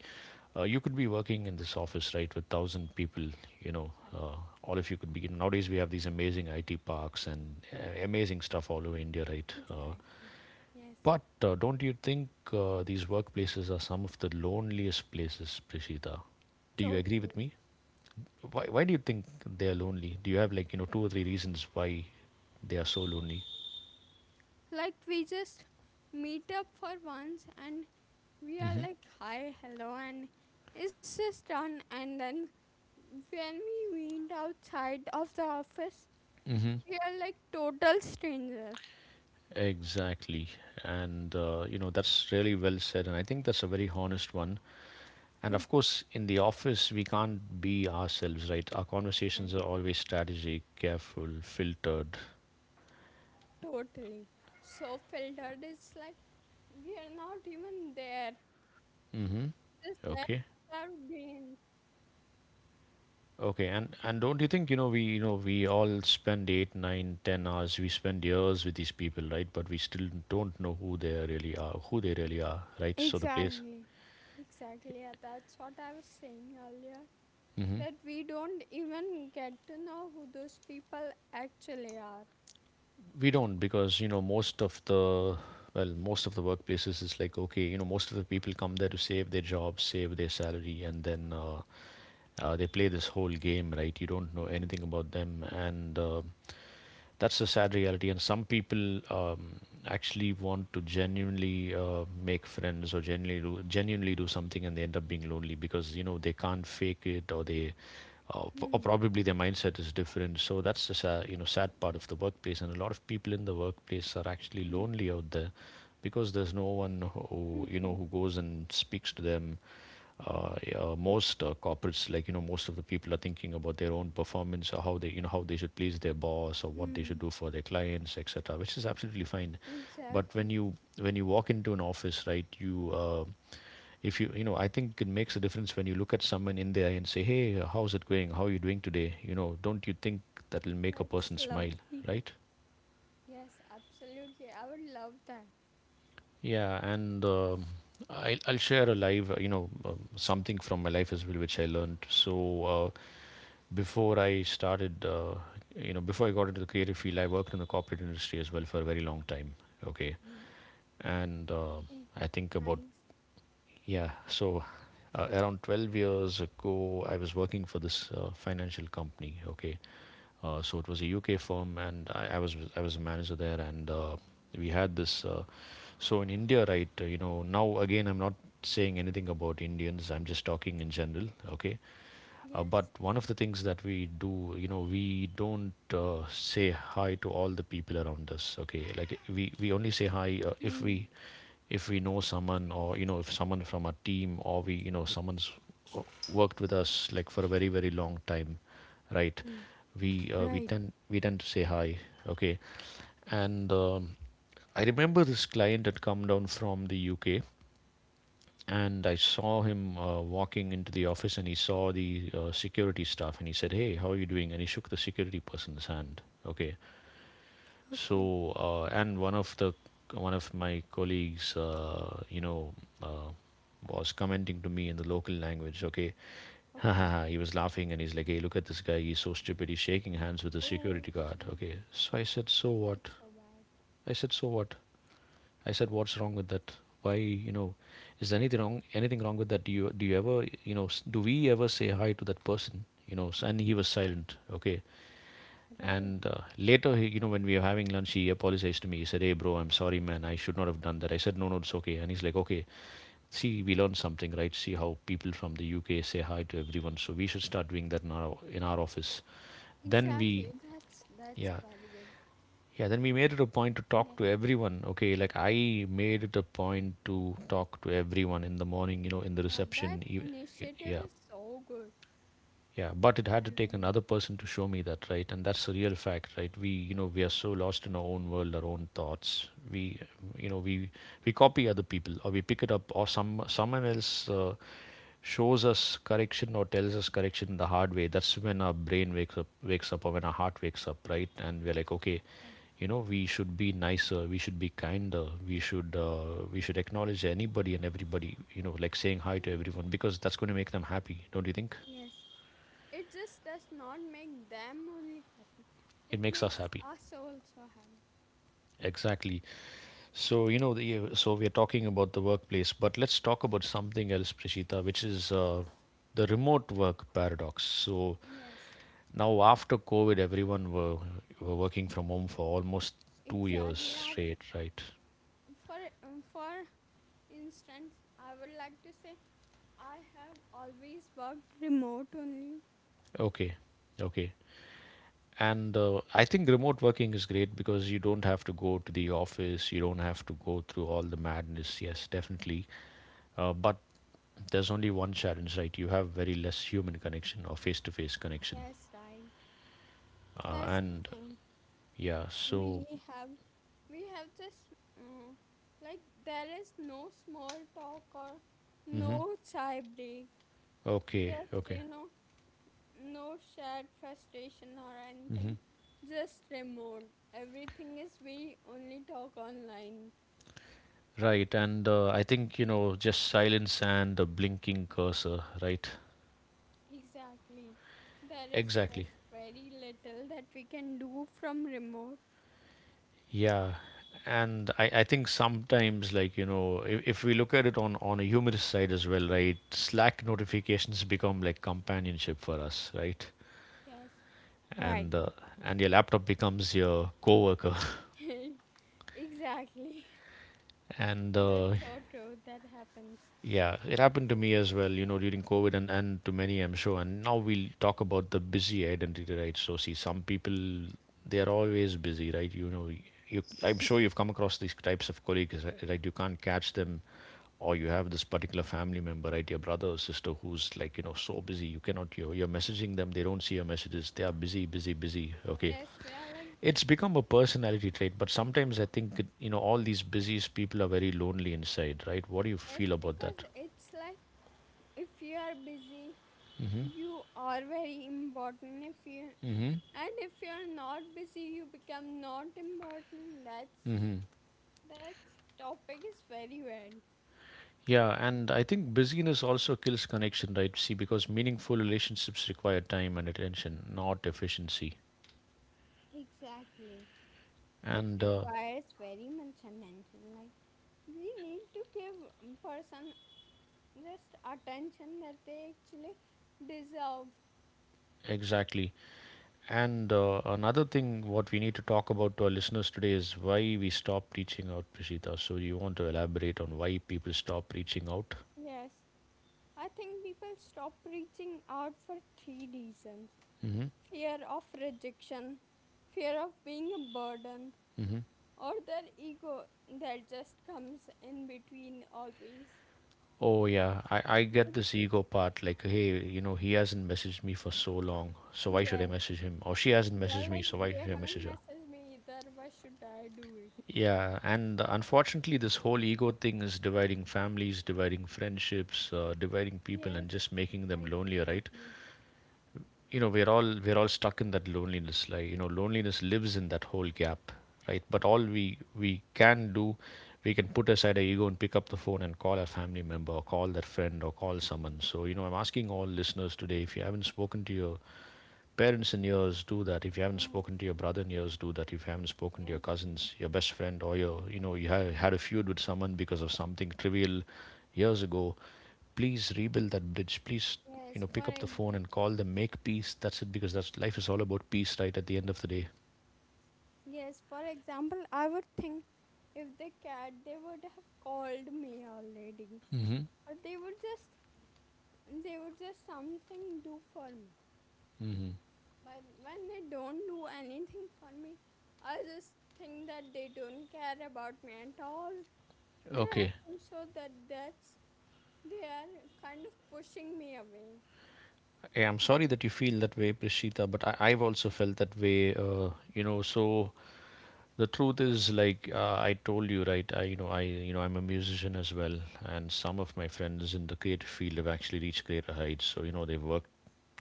[SPEAKER 1] you could be working in this office, right, with thousand people, you know,
[SPEAKER 2] Right.
[SPEAKER 1] all of you could be. Nowadays, we have these amazing IT parks and amazing stuff all over India, right? Uh,
[SPEAKER 2] Exactly. Yes.
[SPEAKER 1] but uh, don't you think these workplaces are some of the loneliest places, Prishita? Do you agree
[SPEAKER 2] Totally.
[SPEAKER 1] with me? Why do you think they are lonely? Do you have like, you know, two or three reasons why they are so lonely?
[SPEAKER 2] Like we just meet up for once and we are like hi, hello, and it's just done, and then when we meet outside of the office
[SPEAKER 1] Mm-hmm.
[SPEAKER 2] we are like total strangers.
[SPEAKER 1] Exactly. And, you know, that's really well said. And I think that's a very honest one. And of course, in the office, we can't be ourselves, right? Our
[SPEAKER 2] Yes.
[SPEAKER 1] conversations are always strategic, careful, filtered.
[SPEAKER 2] Totally. So filtered, it's like we are not even there.
[SPEAKER 1] Hmm.
[SPEAKER 2] Just that's
[SPEAKER 1] Okay.
[SPEAKER 2] what our brains.
[SPEAKER 1] Okay. And don't you think, you know, we all spend eight, nine, 10 hours, we spend years with these people, right? But we still don't know who they really are, right? So the place.
[SPEAKER 2] Exactly. Exactly. Yeah, that's what I was saying earlier.
[SPEAKER 1] Mm-hmm.
[SPEAKER 2] That we don't even get to know who those people actually are.
[SPEAKER 1] We don't because, you know, most of the, well, most of the workplaces is like, okay, you know, most of the people come there to save their job, save their salary, and then they play this whole game, right. You don't know
[SPEAKER 2] Yes.
[SPEAKER 1] anything about them, and That's the sad reality, and some people actually want to genuinely make friends or genuinely do something, and they end up being lonely because, you know, they can't fake it, or they p- or
[SPEAKER 2] Hmm.
[SPEAKER 1] probably their mindset is different, so that's the sad, you know, sad part of the workplace, and a lot of people in the workplace are actually lonely out there because there's no one who,
[SPEAKER 2] Hmm.
[SPEAKER 1] you know,
[SPEAKER 2] Hmm.
[SPEAKER 1] who goes and speaks to them. Yeah, most corporates, like, you know, most of the people are thinking about their own performance, or how they, you know, how they should please their boss, or what they should
[SPEAKER 2] Hmm.
[SPEAKER 1] do for their clients, etc, which is absolutely fine. But when
[SPEAKER 2] Exactly.
[SPEAKER 1] you, when you walk into an office, right, you if you, you know, I think it makes a difference when you look at someone in the eye and say, "Hey, how's it going, how are you doing today?" You know, don't you think that'll make a
[SPEAKER 2] That's
[SPEAKER 1] person smile,
[SPEAKER 2] lovely.
[SPEAKER 1] right?
[SPEAKER 2] Yes, absolutely. I would love that.
[SPEAKER 1] Yeah, and I'll share a live you know, something from my life as well, which I learned. So before I started, you know, before I got into the creative field, I worked in the corporate industry as well for a very long time. Okay, and
[SPEAKER 2] Okay.
[SPEAKER 1] I think about,
[SPEAKER 2] Nice.
[SPEAKER 1] yeah, so around 12 years ago, I was working for this financial company. Okay,
[SPEAKER 2] Okay.
[SPEAKER 1] so it was a UK firm, and I was a manager there, and we had this. So in India, right, you know, now again, I'm not saying anything about Indians. I'm just talking in general. Okay, but
[SPEAKER 2] Yes. Yes.
[SPEAKER 1] one of the things that we do, you know, we don't say hi to all the people around us. Okay, like we only say hi if
[SPEAKER 2] Hmm.
[SPEAKER 1] we, if we know someone, or, you know, if someone from our team, or we, you know, someone's w- worked with us like for a very very long time, right?
[SPEAKER 2] Hmm.
[SPEAKER 1] We we
[SPEAKER 2] Right.
[SPEAKER 1] tend we tend to say hi. Okay, and I remember this client had come down from the UK, and I saw him walking into the office, and he saw the security staff, and he said, "Hey, how are you doing?" And he shook the security person's hand. Okay.
[SPEAKER 2] Okay.
[SPEAKER 1] So, and one of the, one of my colleagues, you know, uh, was commenting to me in the local language. Okay, *laughs*
[SPEAKER 2] Okay.
[SPEAKER 1] he was laughing, and he's like, "Hey, look at this guy. He's so stupid. He's shaking hands with the
[SPEAKER 2] Oh
[SPEAKER 1] security guard."
[SPEAKER 2] shit.
[SPEAKER 1] Okay. So I said, "So what?"
[SPEAKER 2] That's so bad.
[SPEAKER 1] I said, so what? I said, "What's wrong with that? Why, you know, is there anything wrong? Anything wrong with that? Do you, do you ever, you know, do we ever say hi to that person? You know?" And he was silent. Okay.
[SPEAKER 2] Right.
[SPEAKER 1] And later, he, you know, when we were having lunch, he apologized to me. He said, "Hey, bro, I'm sorry, man. I should not have done that." I said, "No, no, it's okay." And he's like, "Okay. See, we learned something, right? See how people from the UK say hi to everyone. So we should start doing that in our, in our office." Then we,
[SPEAKER 2] Exactly. That's
[SPEAKER 1] yeah.
[SPEAKER 2] very good.
[SPEAKER 1] Yeah, then we made it a point to
[SPEAKER 2] Yes.
[SPEAKER 1] talk to everyone. Okay, like I made it a point to talk to everyone in the morning, you know, in the
[SPEAKER 2] Yeah, that
[SPEAKER 1] reception.
[SPEAKER 2] initiative
[SPEAKER 1] Yeah.
[SPEAKER 2] is so good.
[SPEAKER 1] Yeah, but it
[SPEAKER 2] I
[SPEAKER 1] had to take
[SPEAKER 2] really
[SPEAKER 1] another person to show me that, right? And that's a real fact, right? We, you know, we are so lost in our own world, our own thoughts. We, you know, we copy other people, or we pick it up, or someone else shows us correction, or tells us correction the hard way. That's when our brain wakes up, or when our heart wakes up, right? And we're like, okay,
[SPEAKER 2] right.
[SPEAKER 1] you know, we should be nicer, we should be kinder, we should acknowledge anybody and everybody, you know, like saying hi to
[SPEAKER 2] Absolutely.
[SPEAKER 1] everyone, because that's going to make them happy, don't you think?
[SPEAKER 2] Yes. It just does not make them only happy. It
[SPEAKER 1] It makes us
[SPEAKER 2] makes
[SPEAKER 1] happy.
[SPEAKER 2] us also happy.
[SPEAKER 1] Exactly. So, you know, so we are talking about the workplace, but let's talk about something else, Prashita, which is the remote work paradox. So
[SPEAKER 2] Yes.
[SPEAKER 1] now after COVID, were working from home for almost 2 years
[SPEAKER 2] Exactly.
[SPEAKER 1] straight, right?
[SPEAKER 2] For for instance, I would like to say I have always worked remote only.
[SPEAKER 1] Okay, okay. And I think remote working is great because you don't have to go to the office, you don't have to go through all the madness. Yes, definitely. But there's only one challenge, right? You have very less human connection, or face to face connection.
[SPEAKER 2] Yes, right.
[SPEAKER 1] Uh,
[SPEAKER 2] That's
[SPEAKER 1] and
[SPEAKER 2] the thing.
[SPEAKER 1] yeah, so,
[SPEAKER 2] we have we have just uh, like there is no small talk or
[SPEAKER 1] hmm,
[SPEAKER 2] no chai break,
[SPEAKER 1] okay,
[SPEAKER 2] just
[SPEAKER 1] okay.
[SPEAKER 2] you know, no shared frustration or
[SPEAKER 1] Hmm.
[SPEAKER 2] anything. Just remote, everything is, we only talk online.
[SPEAKER 1] Right. And I think, you know, just silence and the blinking cursor, right?
[SPEAKER 2] Exactly, there is
[SPEAKER 1] Exactly.
[SPEAKER 2] just very little that we can do from remote.
[SPEAKER 1] Yeah. And I think sometimes, like, you know, if we look at it on a humorous side as well, right? Slack notifications become like companionship for us, right?
[SPEAKER 2] Yes. Right.
[SPEAKER 1] And uh, and your laptop becomes your coworker.
[SPEAKER 2] *laughs* Exactly.
[SPEAKER 1] And
[SPEAKER 2] *laughs* That's so true, that happens.
[SPEAKER 1] Yeah, it happened to me as well, you know, during COVID, and to many, I'm sure. And now we'll talk about the busy identity, right? So, see, some people, they're always busy, right? You know, you, I'm sure you've come across these types of colleagues, right? You can't catch them, or you have this particular family member, right? Your brother or sister, who's like, you know, so busy, you cannot, you're messaging them, they don't see your messages, they are busy, busy, busy, okay?
[SPEAKER 2] yes we are like
[SPEAKER 1] It's become a personality trait, but sometimes I think it, you know, all these busy people are very lonely inside, right? What do you
[SPEAKER 2] Yes,
[SPEAKER 1] feel about
[SPEAKER 2] because
[SPEAKER 1] that?
[SPEAKER 2] it's like, if you are busy, you are very important. If you
[SPEAKER 1] Mm-hmm.
[SPEAKER 2] And if you are not busy, you become not important. That's
[SPEAKER 1] Mm-hmm.
[SPEAKER 2] that's topic is very weird.
[SPEAKER 1] Yeah, and I think busyness also kills connection, right? See, because meaningful relationships require time and attention, not efficiency.
[SPEAKER 2] Exactly. It
[SPEAKER 1] And
[SPEAKER 2] requires very much attention. Like, we need to give person just attention that they actually deserve.
[SPEAKER 1] Exactly. And another thing, what we need to talk about to our listeners today is why we stop reaching out, Prishita. So, you want to elaborate on why people stop reaching out?
[SPEAKER 2] Yes. I think people stop reaching out for three reasons.
[SPEAKER 1] Mm-hmm.
[SPEAKER 2] Fear of rejection, fear of being a burden, or their ego that just comes in between always.
[SPEAKER 1] Oh yeah, I get this ego part. Like, hey, you know, he hasn't messaged me for so long, so why should I
[SPEAKER 2] Yes,
[SPEAKER 1] message him? Or she hasn't
[SPEAKER 2] we
[SPEAKER 1] messaged
[SPEAKER 2] are
[SPEAKER 1] me,
[SPEAKER 2] like,
[SPEAKER 1] so why
[SPEAKER 2] they
[SPEAKER 1] should I message
[SPEAKER 2] haven't
[SPEAKER 1] her?
[SPEAKER 2] messaged me either. Why should I do it?
[SPEAKER 1] Yeah, and unfortunately, this whole ego thing is dividing families, dividing friendships, dividing people,
[SPEAKER 2] Yes,
[SPEAKER 1] and just making them
[SPEAKER 2] I
[SPEAKER 1] lonelier, right?
[SPEAKER 2] totally.
[SPEAKER 1] You know, we're all stuck in that loneliness, like, you know, loneliness lives in that whole gap, right? But all we can do, we can put aside our ego and pick up the phone and call our family member, or call that friend, or call someone. So, you know, I'm asking all listeners today, if you haven't spoken to your parents in years, do that. If you haven't
[SPEAKER 2] Yes,
[SPEAKER 1] spoken to your brother in years, do that. If you haven't spoken to your
[SPEAKER 2] yes,
[SPEAKER 1] cousins, your best friend, or your, you know, you had a feud with someone because of something trivial years ago, please rebuild that bridge. Please, you
[SPEAKER 2] yes.
[SPEAKER 1] know, pick up the phone and call them. Make peace. That's it. Because that's, life is all about peace, right? At the end of the day.
[SPEAKER 2] Yes, for example, I would think, if they cared, they would have called me already,
[SPEAKER 1] Mm-hmm.
[SPEAKER 2] or they would just, they would just something do for me.
[SPEAKER 1] Mm-hmm.
[SPEAKER 2] But when they don't do anything for me, I just think that they don't care about me at all. And I
[SPEAKER 1] Okay.
[SPEAKER 2] think so that that's they are kind of pushing me away.
[SPEAKER 1] Yeah, I'm sorry that you feel that way, Prishita, but I've also felt that way. You know, so the truth is, like, I told you, right? You know, I'm a musician as well, and some of my friends in the creative field have actually reached greater heights. So, you know, they've worked,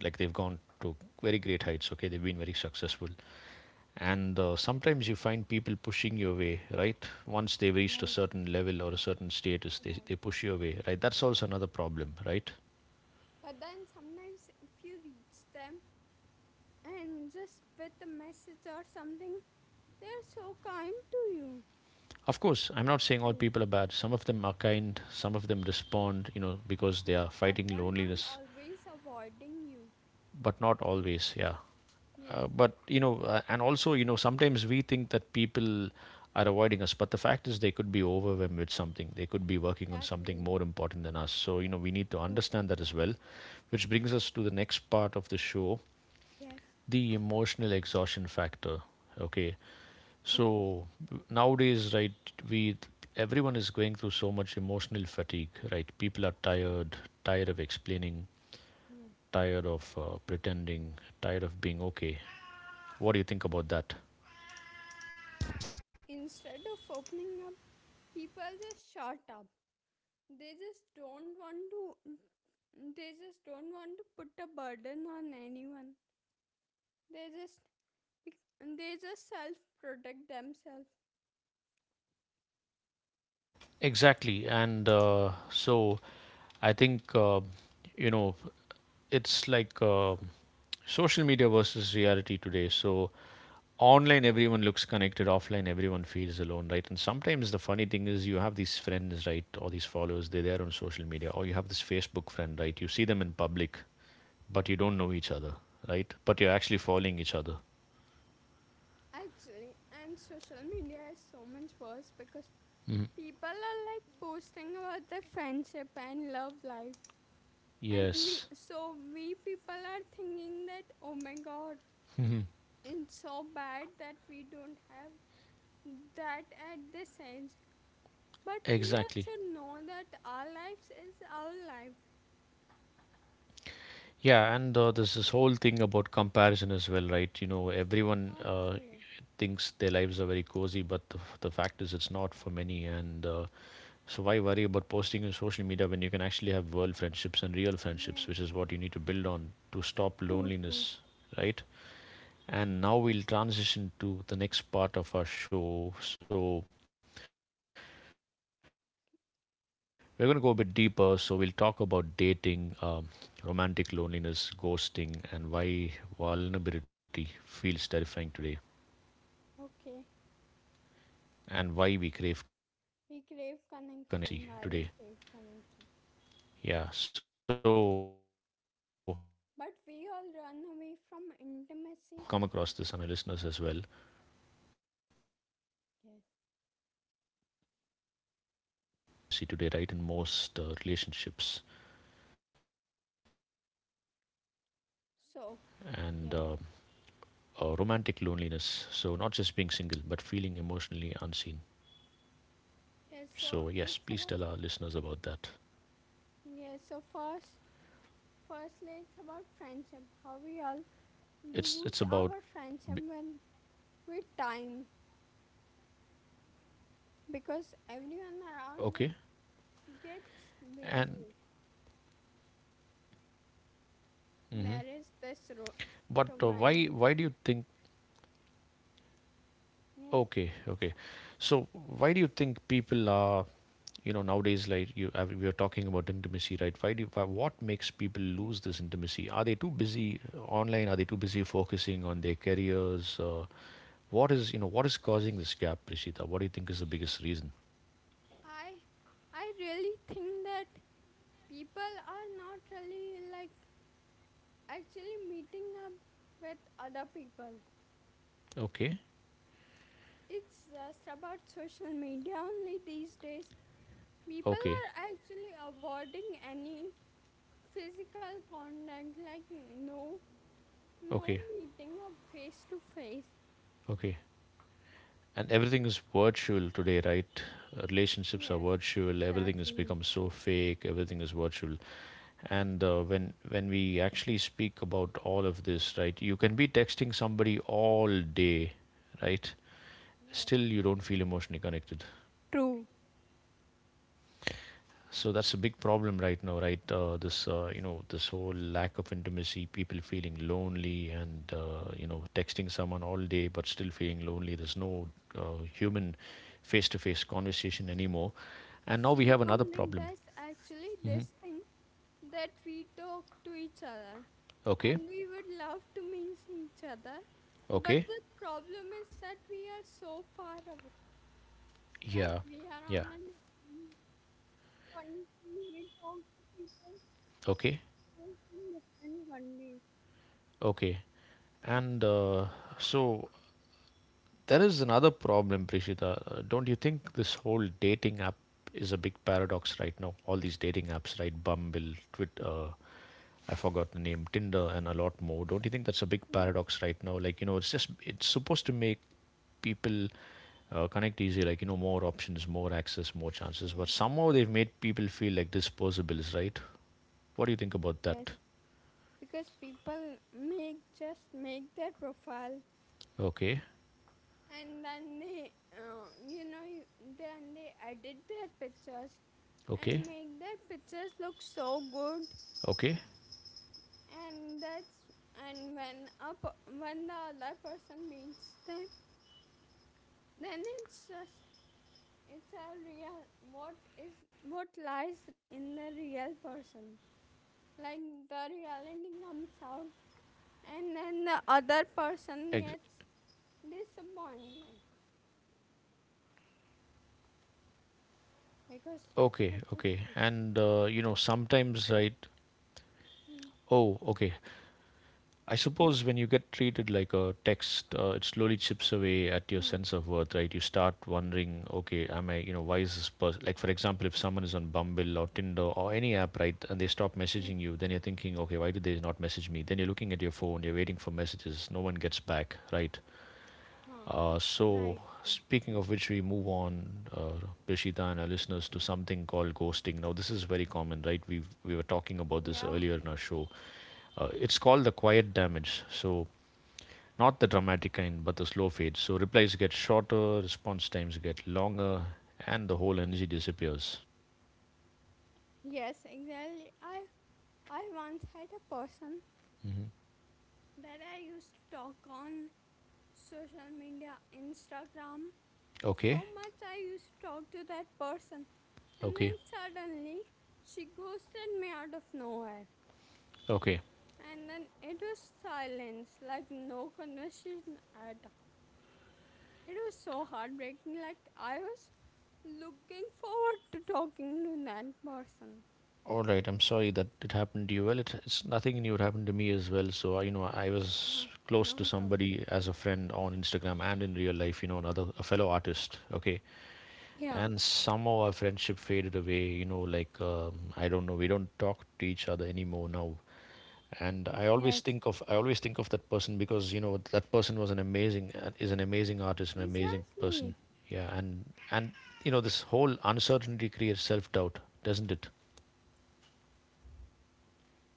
[SPEAKER 1] like they've gone to very great heights. Okay, they've been very successful, and sometimes you find people pushing your way, right? Once they've reached a
[SPEAKER 2] Right,
[SPEAKER 1] certain level or a certain status, they
[SPEAKER 2] right.
[SPEAKER 1] push your way, right? That's also another problem, right?
[SPEAKER 2] But then sometimes if you reach them and just with a message or something, they're so kind to you.
[SPEAKER 1] Of course, I'm not saying all
[SPEAKER 2] And
[SPEAKER 1] people are bad. Some of them are kind. Some of them respond, you know, because they are
[SPEAKER 2] yeah,
[SPEAKER 1] fighting
[SPEAKER 2] they're not
[SPEAKER 1] loneliness,
[SPEAKER 2] always avoiding you.
[SPEAKER 1] but not always. Yeah.
[SPEAKER 2] Yes,
[SPEAKER 1] But you know, and also, you know, sometimes we think that people are avoiding us, but the fact is they could be overwhelmed with something. They could be working on something
[SPEAKER 2] exactly.
[SPEAKER 1] more important than us. So you know, we need to
[SPEAKER 2] True.
[SPEAKER 1] understand that as well, which brings us to the next part of the show,
[SPEAKER 2] Yes.
[SPEAKER 1] the emotional exhaustion factor. Okay,
[SPEAKER 2] Okay.
[SPEAKER 1] so nowadays, right, we everyone is going through so much emotional fatigue, right? People are
[SPEAKER 2] Exactly.
[SPEAKER 1] tired, tired of explaining,
[SPEAKER 2] Yeah.
[SPEAKER 1] tired of pretending, tired of being okay. What do you think about that?
[SPEAKER 2] Instead of opening up, people just shut up. They just don't want to, they just don't want to put a burden on anyone. They just, they just self protect themselves.
[SPEAKER 1] Exactly. And so I think, you know, it's like social media versus reality today. So online, everyone looks connected. Offline, everyone feels alone, right? And sometimes the funny thing is you have these friends, right? Or these followers, they're there on social media. Or you have this Facebook friend, right? You see them in public, but you don't know each other, right? But you're actually following each other.
[SPEAKER 2] Actually, and social media is so much worse because people are like posting about their friendship and love life. And we,
[SPEAKER 1] Yes,
[SPEAKER 2] so we, people are thinking that, oh my god, it's so bad that we don't have that at this age. But we
[SPEAKER 1] exactly.
[SPEAKER 2] also know that our lives is our life.
[SPEAKER 1] Yeah, and there's this whole thing about comparison as well, right? You know, everyone,
[SPEAKER 2] Actually.
[SPEAKER 1] thinks their lives are very cozy, but the fact is it's not for many. And so why worry about posting in social media when you can actually have world friendships and real friendships,
[SPEAKER 2] Yes.
[SPEAKER 1] which is what you need to build on to stop
[SPEAKER 2] True, true.
[SPEAKER 1] loneliness, right? And now we'll transition to the next part of our show. So we're going to go a bit deeper. So we'll talk about dating, romantic loneliness, ghosting, and why vulnerability feels terrifying today,
[SPEAKER 2] Okay.
[SPEAKER 1] and why we crave connection, Prishita. But we
[SPEAKER 2] Yeah.
[SPEAKER 1] run,
[SPEAKER 2] We
[SPEAKER 1] but
[SPEAKER 2] crave
[SPEAKER 1] most people
[SPEAKER 2] connection,
[SPEAKER 1] run away
[SPEAKER 2] why we
[SPEAKER 1] from
[SPEAKER 2] crave
[SPEAKER 1] intimacy
[SPEAKER 2] connection,
[SPEAKER 1] today. Yeah. So the
[SPEAKER 2] but
[SPEAKER 1] things
[SPEAKER 2] we
[SPEAKER 1] that
[SPEAKER 2] all
[SPEAKER 1] we
[SPEAKER 2] run away
[SPEAKER 1] see
[SPEAKER 2] from
[SPEAKER 1] today, right? I'm
[SPEAKER 2] intimacy.
[SPEAKER 1] sure you've come across this on our listeners as well.
[SPEAKER 2] Yes,
[SPEAKER 1] Yes. So there's a lack of intimacy today, right, in most relationships, and
[SPEAKER 2] so
[SPEAKER 1] romantic
[SPEAKER 2] yes.
[SPEAKER 1] loneliness. So not just being single, but feeling emotionally unseen. So yes, please tell our listeners about
[SPEAKER 2] yes
[SPEAKER 1] that.
[SPEAKER 2] so it's about Yes, so firstly it's about friendship,
[SPEAKER 1] It's
[SPEAKER 2] how
[SPEAKER 1] it's
[SPEAKER 2] we
[SPEAKER 1] about,
[SPEAKER 2] all
[SPEAKER 1] b-
[SPEAKER 2] lose our friendship when with time, because
[SPEAKER 1] okay,
[SPEAKER 2] everyone around us
[SPEAKER 1] and.
[SPEAKER 2] gets busy.
[SPEAKER 1] Mhm.
[SPEAKER 2] Narrates this ro-
[SPEAKER 1] But why do you
[SPEAKER 2] Romantic.
[SPEAKER 1] think. Okay,
[SPEAKER 2] Yes,
[SPEAKER 1] okay, so why do you think people are, you know, nowadays, like you, I mean, we are talking about intimacy, right? What makes people lose
[SPEAKER 2] yes.
[SPEAKER 1] this intimacy? Are they too busy online? Are they too busy focusing on their careers? What is causing this gap, Prishita? What do you think is the biggest reason?
[SPEAKER 2] I I really think that people are not really like actually meeting up with other people.
[SPEAKER 1] Okay.
[SPEAKER 2] It's just about social media only these days. People
[SPEAKER 1] Okay.
[SPEAKER 2] are actually avoiding any physical contact, like no, no
[SPEAKER 1] Okay.
[SPEAKER 2] meeting up face to face.
[SPEAKER 1] Okay. And everything is virtual today, right? Relationships are
[SPEAKER 2] Yes,
[SPEAKER 1] virtual. Everything has
[SPEAKER 2] exactly.
[SPEAKER 1] become so fake. Everything is virtual. And when we actually speak about all of this, right, you can be texting somebody all day, right,
[SPEAKER 2] Yes.
[SPEAKER 1] still you don't feel emotionally connected.
[SPEAKER 2] True.
[SPEAKER 1] So that's a big problem right now, right? This you know, this whole lack of intimacy, people feeling lonely, and you know, texting someone all day but still feeling lonely. There's no human face-to-face conversation anymore, and now we
[SPEAKER 2] See,
[SPEAKER 1] have another
[SPEAKER 2] like
[SPEAKER 1] problem.
[SPEAKER 2] this, actually
[SPEAKER 1] Hmm.
[SPEAKER 2] this thing, that we talk to each other
[SPEAKER 1] Okay,
[SPEAKER 2] and we would love to meet each other. But
[SPEAKER 1] okay,
[SPEAKER 2] the problem is that we are so far away. Like,
[SPEAKER 1] yeah,
[SPEAKER 2] we are on
[SPEAKER 1] yeah,
[SPEAKER 2] a different country. We talk to people
[SPEAKER 1] okay,
[SPEAKER 2] who is in different country.
[SPEAKER 1] okay, and so there is another problem, Prishita. Don't you think this whole dating app is a big paradox right now? All these dating apps, right? Bumble, Twitter, I forgot the name, Tinder, and a lot more. Don't you think that's a big
[SPEAKER 2] *laughs*
[SPEAKER 1] paradox right now? Like, you know, it's just, it's supposed to make people connect easier, like, you know, more options, more access, more chances. But
[SPEAKER 2] Yes.
[SPEAKER 1] somehow they've made people feel like disposables, right? What do you think about
[SPEAKER 2] Yes,
[SPEAKER 1] that?
[SPEAKER 2] because people make, just make their profile,
[SPEAKER 1] Okay,
[SPEAKER 2] and then they, uh, you know you- then they edit their pictures
[SPEAKER 1] okay,
[SPEAKER 2] and make their pictures look so good.
[SPEAKER 1] okay,
[SPEAKER 2] And that's, and when when the other person meets them, then it's just, it's a real, what is what lies in the real person, like the reality comes out, and then the other
[SPEAKER 1] ex-
[SPEAKER 2] person gets disappointed because
[SPEAKER 1] okay,
[SPEAKER 2] of the
[SPEAKER 1] okay.
[SPEAKER 2] fish.
[SPEAKER 1] And you know, sometimes, right?
[SPEAKER 2] Hmm.
[SPEAKER 1] Oh, okay. I suppose when you get treated like a text, it slowly chips away at your
[SPEAKER 2] Hmm.
[SPEAKER 1] sense of worth, right? You start wondering, okay, am I, you know, why is this person, like, for example, if someone is on Bumble or Tinder or any app, right, and they stop
[SPEAKER 2] Yes.
[SPEAKER 1] messaging you, then you're thinking, okay, why did they not message me? Then you're looking at your phone, you're waiting for messages, no one gets back, right?
[SPEAKER 2] Huh.
[SPEAKER 1] Uh,
[SPEAKER 2] Right,
[SPEAKER 1] so,
[SPEAKER 2] right.
[SPEAKER 1] speaking of which, we move on, uh, Prishita and our listeners, to something called ghosting. Now, this is very common, right? We were talking about this
[SPEAKER 2] Yeah.
[SPEAKER 1] earlier in our show. It's called the quiet damage. So not the dramatic kind, but the slow fade. So replies get shorter, response times get longer, and the whole energy disappears.
[SPEAKER 2] Yes, exactly. I once had a person
[SPEAKER 1] Hmm.
[SPEAKER 2] that I used to talk on social media, Instagram. So
[SPEAKER 1] Okay,
[SPEAKER 2] much I used to talk to that person. And
[SPEAKER 1] okay,
[SPEAKER 2] then suddenly she ghosted me out of nowhere.
[SPEAKER 1] okay.
[SPEAKER 2] And then it was silence, like no conversation at all. It was so heartbreaking, like I was looking forward to talking to that person.
[SPEAKER 1] All right. I'm sorry that it happened to you. Well, it's nothing new. It happened to me as well. So I, you know, I was
[SPEAKER 2] Huh,
[SPEAKER 1] close
[SPEAKER 2] no
[SPEAKER 1] to
[SPEAKER 2] problem.
[SPEAKER 1] somebody as a friend on Instagram and in real life. You know, another a fellow artist. Okay,
[SPEAKER 2] Yeah.
[SPEAKER 1] and somehow our friendship faded away. You know, like I don't know. We don't talk to each other anymore now. And i always
[SPEAKER 2] Yes.
[SPEAKER 1] think of i always think of that person, because you know, that person was an amazing is an amazing artist, an amazing
[SPEAKER 2] Exactly.
[SPEAKER 1] person. Yeah. And you know, this whole uncertainty creates self doubt, doesn't it?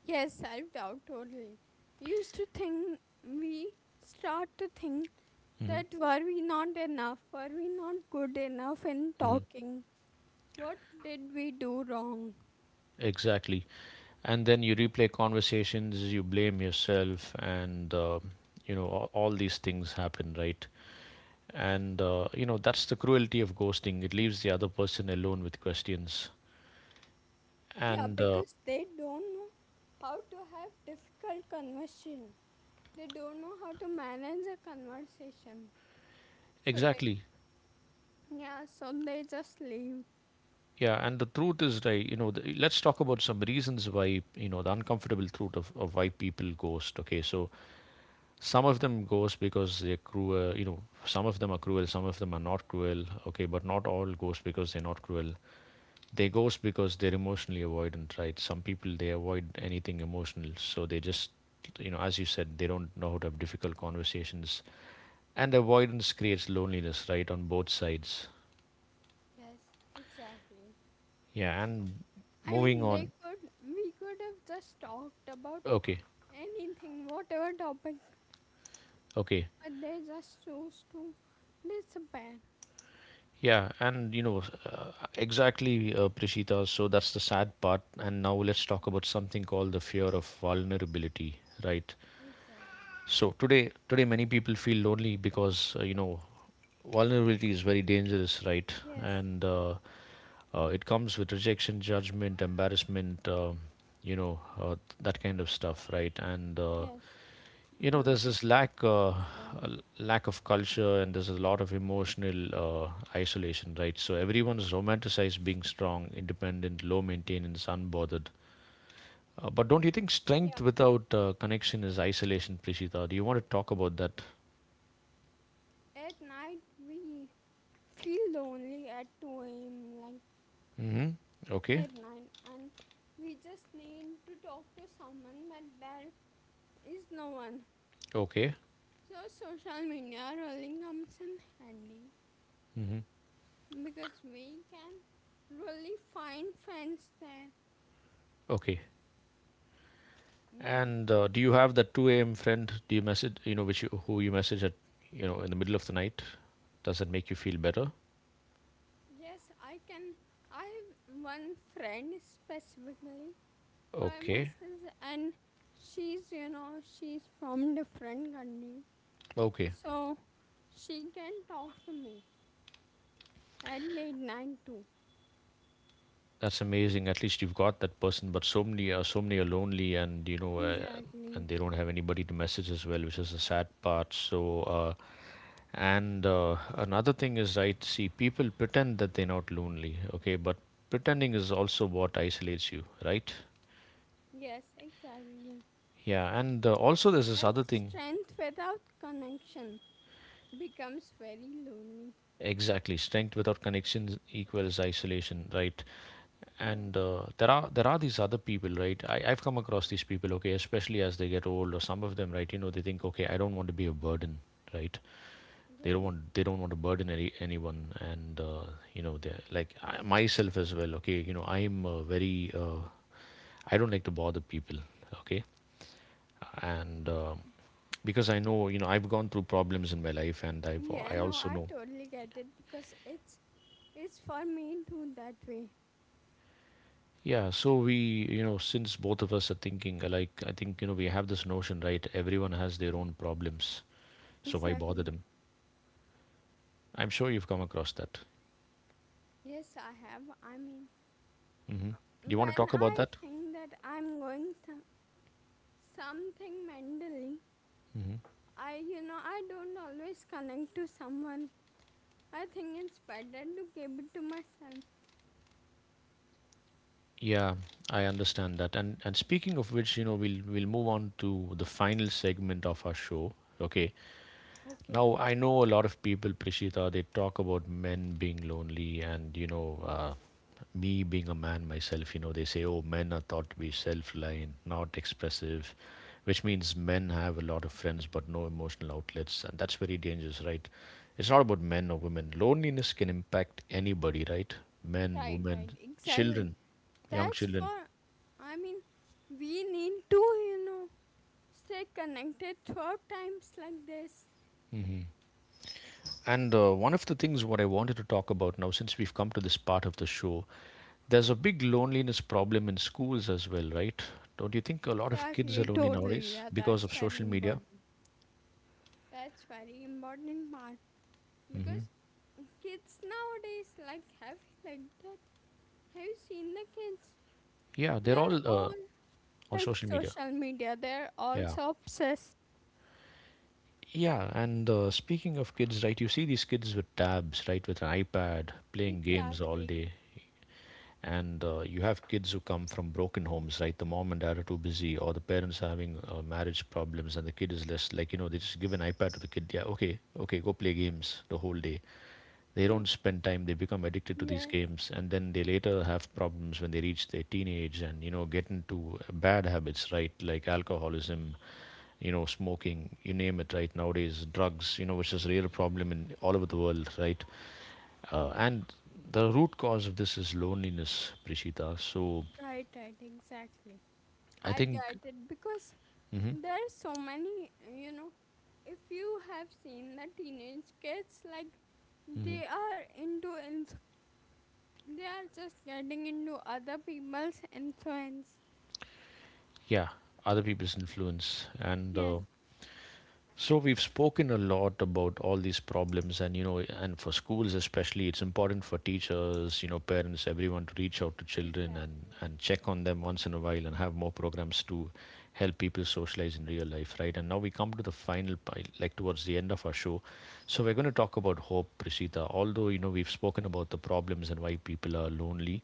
[SPEAKER 2] Yes, self doubt, totally. We start to think
[SPEAKER 1] Hmm.
[SPEAKER 2] that, were we not enough? Were we not good enough in
[SPEAKER 1] Hmm.
[SPEAKER 2] talking? What did we do wrong?
[SPEAKER 1] Exactly. And then you replay conversations, you blame yourself, and you know, all these things happen, right? And you know, that's the cruelty of ghosting. It leaves the other person alone with questions.
[SPEAKER 2] Yeah,
[SPEAKER 1] And
[SPEAKER 2] because they don't know how to have difficult conversation. They don't know how to manage a conversation. So they,
[SPEAKER 1] exactly.
[SPEAKER 2] yeah, so they just leave.
[SPEAKER 1] Yeah, and the truth is, right, you know, let's talk about some reasons why, you know, the uncomfortable truth of why people ghost. Okay, so some of them ghost because they're cruel, you know, some of them are cruel, some of them are
[SPEAKER 2] Yes.
[SPEAKER 1] not cruel. Okay, but not all ghost because they're not cruel. They ghost because they're emotionally avoidant, right? Some people, they avoid anything emotional, so they just, you know, as you said, they don't know how to have difficult conversations. And avoidance creates loneliness, right, on both sides.
[SPEAKER 2] Yes, exactly.
[SPEAKER 1] Yeah, and
[SPEAKER 2] I
[SPEAKER 1] moving
[SPEAKER 2] mean,
[SPEAKER 1] on.
[SPEAKER 2] we could have just talked about
[SPEAKER 1] Okay,
[SPEAKER 2] anything, whatever topic,
[SPEAKER 1] okay.
[SPEAKER 2] but they just choose to disappear.
[SPEAKER 1] Yeah, and you know, exactly, Prishita. So that's the sad part. And now let's talk about something called the fear of vulnerability, right?
[SPEAKER 2] Exactly.
[SPEAKER 1] So today many people feel lonely because you know, vulnerability is very dangerous, right?
[SPEAKER 2] Yes,
[SPEAKER 1] And it comes with rejection, judgment, embarrassment, you know, that kind of stuff, right? And
[SPEAKER 2] yes.
[SPEAKER 1] you know,
[SPEAKER 2] Mhm.
[SPEAKER 1] there's
[SPEAKER 2] Exactly.
[SPEAKER 1] a lack of culture, and there's a lot of emotional isolation, right? So everyone is romanticized being strong, independent, low maintenance, unbothered, but don't you think
[SPEAKER 2] Yeah.
[SPEAKER 1] strength without connection is isolation, Prishita? Do you want to talk about that?
[SPEAKER 2] At night, we feel lonely at 2 a.m., like
[SPEAKER 1] Hmm. Okay.
[SPEAKER 2] at night, and we just need to talk to someone, but there is no one.
[SPEAKER 1] Okay.
[SPEAKER 2] So, social media really comes in handy,
[SPEAKER 1] Hmm.
[SPEAKER 2] because we can really find friends there.
[SPEAKER 1] Okay.
[SPEAKER 2] Yes.
[SPEAKER 1] And do you have that 2 a.m. friend? Do you message, you know, which you, who you message at, you know, in the middle of the night? Does that make you feel better?
[SPEAKER 2] Yes, I can. I have one friend specifically who I
[SPEAKER 1] Okay.
[SPEAKER 2] message, and she's, you know, she's from different country,
[SPEAKER 1] Okay.
[SPEAKER 2] so she can talk to me at late night too.
[SPEAKER 1] That's amazing. At least you've got that person. But so many, so many are lonely, and you know,
[SPEAKER 2] Exactly.
[SPEAKER 1] and they don't have anybody to message as well, which is the sad part. So. And another thing is, right, see, people pretend that they're not lonely, okay, but pretending is also what isolates you, right?
[SPEAKER 2] Yes, exactly.
[SPEAKER 1] Yeah, and also there's this
[SPEAKER 2] Like
[SPEAKER 1] other thing,
[SPEAKER 2] strength without connection becomes very lonely.
[SPEAKER 1] exactly, strength without connections equals isolation, right?
[SPEAKER 2] Yes.
[SPEAKER 1] And there are these other people, right? I've come across these people, okay, especially as they get old, or some of them, right? You know, they think, okay, I don't want to be a burden, right? they don't
[SPEAKER 2] Yes.
[SPEAKER 1] want they don't want to burden anyone, and you know, they like I, myself as well. Okay, you know, I don't like to bother people. Okay. And because I know, you know, I've gone through problems in my life, and
[SPEAKER 2] Yeah,
[SPEAKER 1] I
[SPEAKER 2] no,
[SPEAKER 1] also
[SPEAKER 2] I
[SPEAKER 1] know.
[SPEAKER 2] totally get it, because it's for me too that way.
[SPEAKER 1] Yeah, so we you know since both of us are thinking alike, I think, we have this notion, right, everyone has their
[SPEAKER 2] Right.
[SPEAKER 1] own problems, so why bother
[SPEAKER 2] Exactly.
[SPEAKER 1] them? I'm sure you've come across that.
[SPEAKER 2] Yes, I have. I mean,
[SPEAKER 1] Hmm.
[SPEAKER 2] uh,
[SPEAKER 1] Do you want to
[SPEAKER 2] when
[SPEAKER 1] talk about
[SPEAKER 2] I
[SPEAKER 1] that?
[SPEAKER 2] think that something mentally,
[SPEAKER 1] Hmm.
[SPEAKER 2] I, you know, I don't always connect to someone. I think it's better to keep it to myself.
[SPEAKER 1] Yeah, I understand that. And speaking of which, you know, we'll move on to the final segment of our show. Okay.
[SPEAKER 2] Okay,
[SPEAKER 1] Now I know a lot of people, Prishita, they talk about men being lonely, and you know, me being a man myself, you know, they say, oh, men are thought to be self-reliant, not expressive, which means men have a lot of friends but no emotional outlets, and that's very dangerous, right? It's not about men or women. Loneliness can impact anybody, right? Men,
[SPEAKER 2] right,
[SPEAKER 1] women,
[SPEAKER 2] right, exactly.
[SPEAKER 1] children, young
[SPEAKER 2] That's
[SPEAKER 1] children.
[SPEAKER 2] for, I mean, we need to, you know, stay connected throughout times like this.
[SPEAKER 1] And one of the things what I wanted to talk about now, since we've come to this part of the show, there's a big loneliness problem in schools as well, right? Don't you think a lot of kids are
[SPEAKER 2] Exactly,
[SPEAKER 1] lonely
[SPEAKER 2] totally.
[SPEAKER 1] nowadays
[SPEAKER 2] Yeah,
[SPEAKER 1] because
[SPEAKER 2] that's
[SPEAKER 1] of
[SPEAKER 2] very
[SPEAKER 1] social media?
[SPEAKER 2] important. That's very important part.
[SPEAKER 1] Hmm.
[SPEAKER 2] Because kids nowadays like have, you like that have you seen the kids?
[SPEAKER 1] Yeah,
[SPEAKER 2] They
[SPEAKER 1] they're
[SPEAKER 2] are
[SPEAKER 1] all
[SPEAKER 2] all
[SPEAKER 1] on
[SPEAKER 2] like
[SPEAKER 1] social media.
[SPEAKER 2] social media, they're
[SPEAKER 1] Yeah.
[SPEAKER 2] also obsessed.
[SPEAKER 1] Yeah, and speaking of kids, right, you see these kids with tabs, right, with an iPad, playing games all
[SPEAKER 2] Exactly.
[SPEAKER 1] day. And You have kids who come from broken homes, right? The mom and dad are too busy, or the parents are having marriage problems, and the kid is less, like, they just give an iPad to the kid. Yeah, okay, okay, go play games the whole day. They don't
[SPEAKER 2] *laughs*
[SPEAKER 1] spend time, they become addicted to these
[SPEAKER 2] Yes,
[SPEAKER 1] games, and then they later have problems when they reach their teenage and you know get into bad habits, right? Like alcoholism, you know, smoking, you name it, right? Nowadays drugs, you know, which is a real problem in all over the world, right? And the root cause of this is loneliness, Prishita. So
[SPEAKER 2] right, right, exactly.
[SPEAKER 1] I
[SPEAKER 2] I get
[SPEAKER 1] think.
[SPEAKER 2] it, because
[SPEAKER 1] Hmm.
[SPEAKER 2] there are so many, you know, if you have seen the teenage kids, like
[SPEAKER 1] Hmm.
[SPEAKER 2] they are into inf- they are just getting into other people's influence.
[SPEAKER 1] Yeah, other people's influence and
[SPEAKER 2] Yes,
[SPEAKER 1] so we've spoken a lot about all these problems, and for schools especially, it's important for teachers, you know, parents, everyone to reach out to children and
[SPEAKER 2] exactly.
[SPEAKER 1] check on them once in a while, and have more programs to help people socialize in real life, right? And now we come to the final, like towards the end of our show, so we're going to talk about hope, Prasita. Although you know we've spoken about the problems and why people are lonely,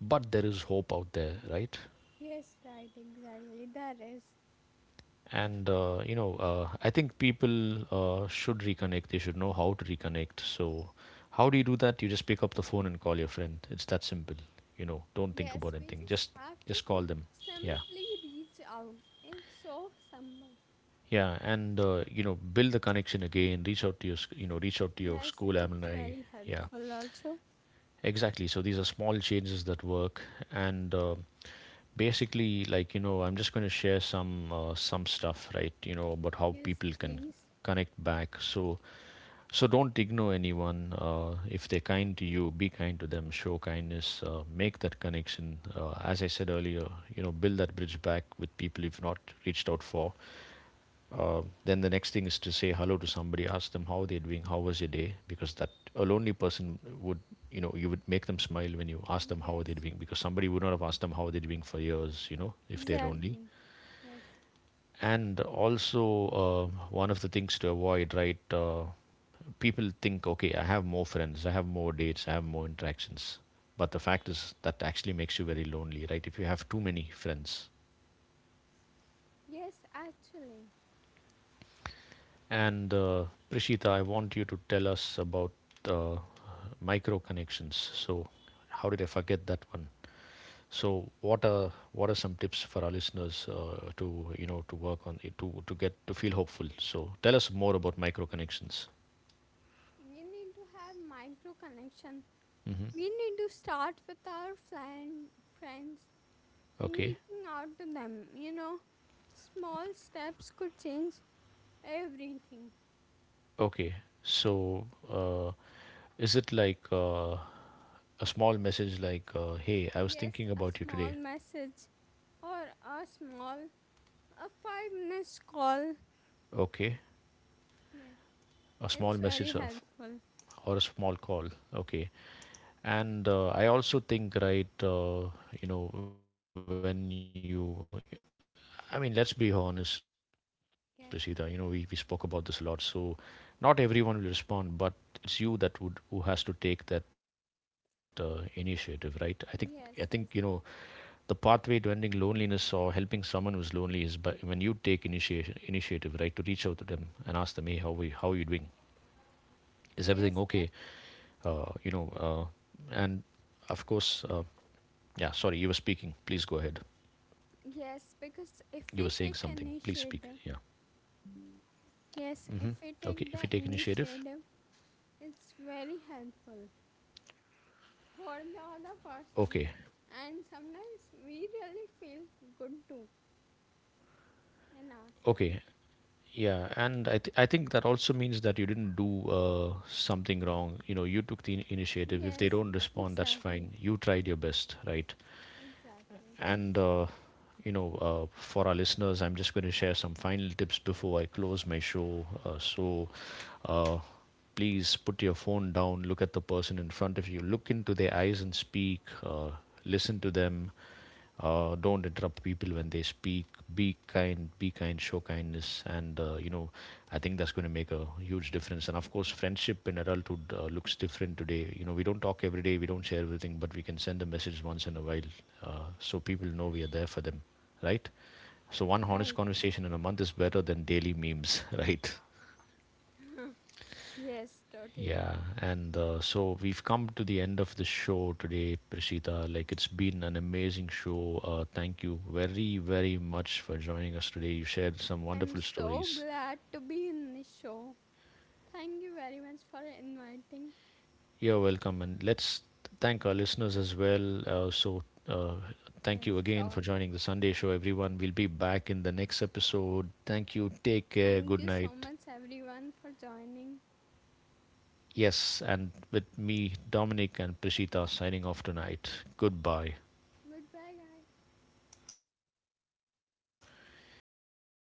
[SPEAKER 1] but there is hope out there, right?
[SPEAKER 2] Yes, right, exactly. There is.
[SPEAKER 1] and you know I think people should reconnect, they should know how to reconnect. So how do you do that? You just pick up the phone and call your friend, it's that simple. You know, don't think about
[SPEAKER 2] Yes, we
[SPEAKER 1] anything,
[SPEAKER 2] just have to
[SPEAKER 1] just call them. Yeah.
[SPEAKER 2] simply reach out. It's so simple.
[SPEAKER 1] Yeah, and you know, build the connection again, reach out to your you know, reach out to your
[SPEAKER 2] Yes,
[SPEAKER 1] school
[SPEAKER 2] it's
[SPEAKER 1] alumni.
[SPEAKER 2] very
[SPEAKER 1] Yeah.
[SPEAKER 2] helpful also.
[SPEAKER 1] Exactly. So these are small changes that work, and basically, like you know, I'm just going to share some stuff, right? You know, about how
[SPEAKER 2] Yes,
[SPEAKER 1] people can
[SPEAKER 2] please.
[SPEAKER 1] connect back. So don't ignore anyone. If they're kind to you, be kind to them. Show kindness. Make that connection. As I said earlier, you know, build that bridge back with people you've not reached out for. Then the next thing is to say hello to somebody, ask them how they're doing, how was your day, because that a lonely person would, you know, you would make them smile when you ask them how are they
[SPEAKER 2] Yes.
[SPEAKER 1] doing, because somebody would not have asked them how they're doing for years, you know, if they're lonely.
[SPEAKER 2] Exactly. Yes.
[SPEAKER 1] And also, uh, one of the things to avoid, right? People think, okay, I have more friends, I have more dates, I have more interactions. But the fact is that actually makes you very lonely, right? If you have too many friends,
[SPEAKER 2] Yes, actually,
[SPEAKER 1] And Prishita, I want you to tell us about uh, micro connections. So, how did I forget that one? So, what are some tips for our listeners to you know to work on it, to get to feel hopeful? So, tell us more about micro connections.
[SPEAKER 2] we need to have micro connection.
[SPEAKER 1] Hmm.
[SPEAKER 2] We need to start with our friends and
[SPEAKER 1] Okay,
[SPEAKER 2] reaching out to them. You know, small steps could change everything.
[SPEAKER 1] okay. So, is it like a small message like, "Hey, I was
[SPEAKER 2] Yes,
[SPEAKER 1] thinking
[SPEAKER 2] a
[SPEAKER 1] about you
[SPEAKER 2] small
[SPEAKER 1] today."
[SPEAKER 2] message or a small, a 5 minute call.
[SPEAKER 1] Okay,
[SPEAKER 2] Yes,
[SPEAKER 1] a small
[SPEAKER 2] it's very
[SPEAKER 1] message of
[SPEAKER 2] helpful.
[SPEAKER 1] or a small call. Okay. And I also think, right, you know, when we spoke about this a lot, so
[SPEAKER 2] Yes,
[SPEAKER 1] not
[SPEAKER 2] no.
[SPEAKER 1] everyone will respond, but it's you that would who has to take that initiative, right? I think you know the pathway to ending loneliness or
[SPEAKER 2] Yes,
[SPEAKER 1] helping
[SPEAKER 2] yes,
[SPEAKER 1] someone who's lonely is by when you take initiation initiative, right, to reach out to them and ask them, hey, how are you doing? Is everything okay? You know,
[SPEAKER 2] yes. That's,
[SPEAKER 1] and of course, yeah. Sorry, you were speaking. Please go ahead. You were saying
[SPEAKER 2] yes,
[SPEAKER 1] something.
[SPEAKER 2] because if
[SPEAKER 1] Please
[SPEAKER 2] we
[SPEAKER 1] speak.
[SPEAKER 2] take
[SPEAKER 1] Yeah.
[SPEAKER 2] initiative,
[SPEAKER 1] Hmm. Okay. If you
[SPEAKER 2] yes,
[SPEAKER 1] take
[SPEAKER 2] if we
[SPEAKER 1] initiative.
[SPEAKER 2] take the initiative, it's very helpful for the other
[SPEAKER 1] Okay.
[SPEAKER 2] person, and sometimes we really feel good too in ourselves.
[SPEAKER 1] Okay. Yeah. I think that also means that you didn't do something wrong. You know, you took the initiative. If they
[SPEAKER 2] Yes,
[SPEAKER 1] don't respond, that's
[SPEAKER 2] exactly,
[SPEAKER 1] fine. You tried your best, right?
[SPEAKER 2] exactly.
[SPEAKER 1] And, you know, for our listeners, I'm just going to share some final tips before I close my show. So, uh, please put your phone down, look at the person in front of you, look into their eyes and speak, listen to them. Don't interrupt people when they speak. Show kindness, I think that's going to make a huge difference. And of course, friendship in adulthood looks different today. You know, we don't talk every day, we don't share everything, but we can send a message once in a while so people know we are there for them, right? So one honest
[SPEAKER 2] Right.
[SPEAKER 1] conversation in a month is better than daily memes, *laughs* right?
[SPEAKER 2] *laughs* Yes, totally.
[SPEAKER 1] Yeah, and so we've come to the end of the show today, Prashita. Like it's been an amazing show. Thank you very, very much for joining us today. You shared some
[SPEAKER 2] I'm
[SPEAKER 1] wonderful
[SPEAKER 2] so
[SPEAKER 1] stories.
[SPEAKER 2] glad to be in this show. Thank you very much for inviting.
[SPEAKER 1] You're welcome, and let's thank our listeners as well. So uh, thank
[SPEAKER 2] Yes,
[SPEAKER 1] you again for
[SPEAKER 2] sure.
[SPEAKER 1] joining the Sunday show, everyone. We'll be back in the next episode. Thank you. Take care.
[SPEAKER 2] Thank
[SPEAKER 1] Good
[SPEAKER 2] you so
[SPEAKER 1] night.
[SPEAKER 2] much, everyone, for joining.
[SPEAKER 1] Yes, and with me, Dominic and Prishita signing off tonight. Goodbye.
[SPEAKER 2] Goodbye, guys.
[SPEAKER 1] Hey,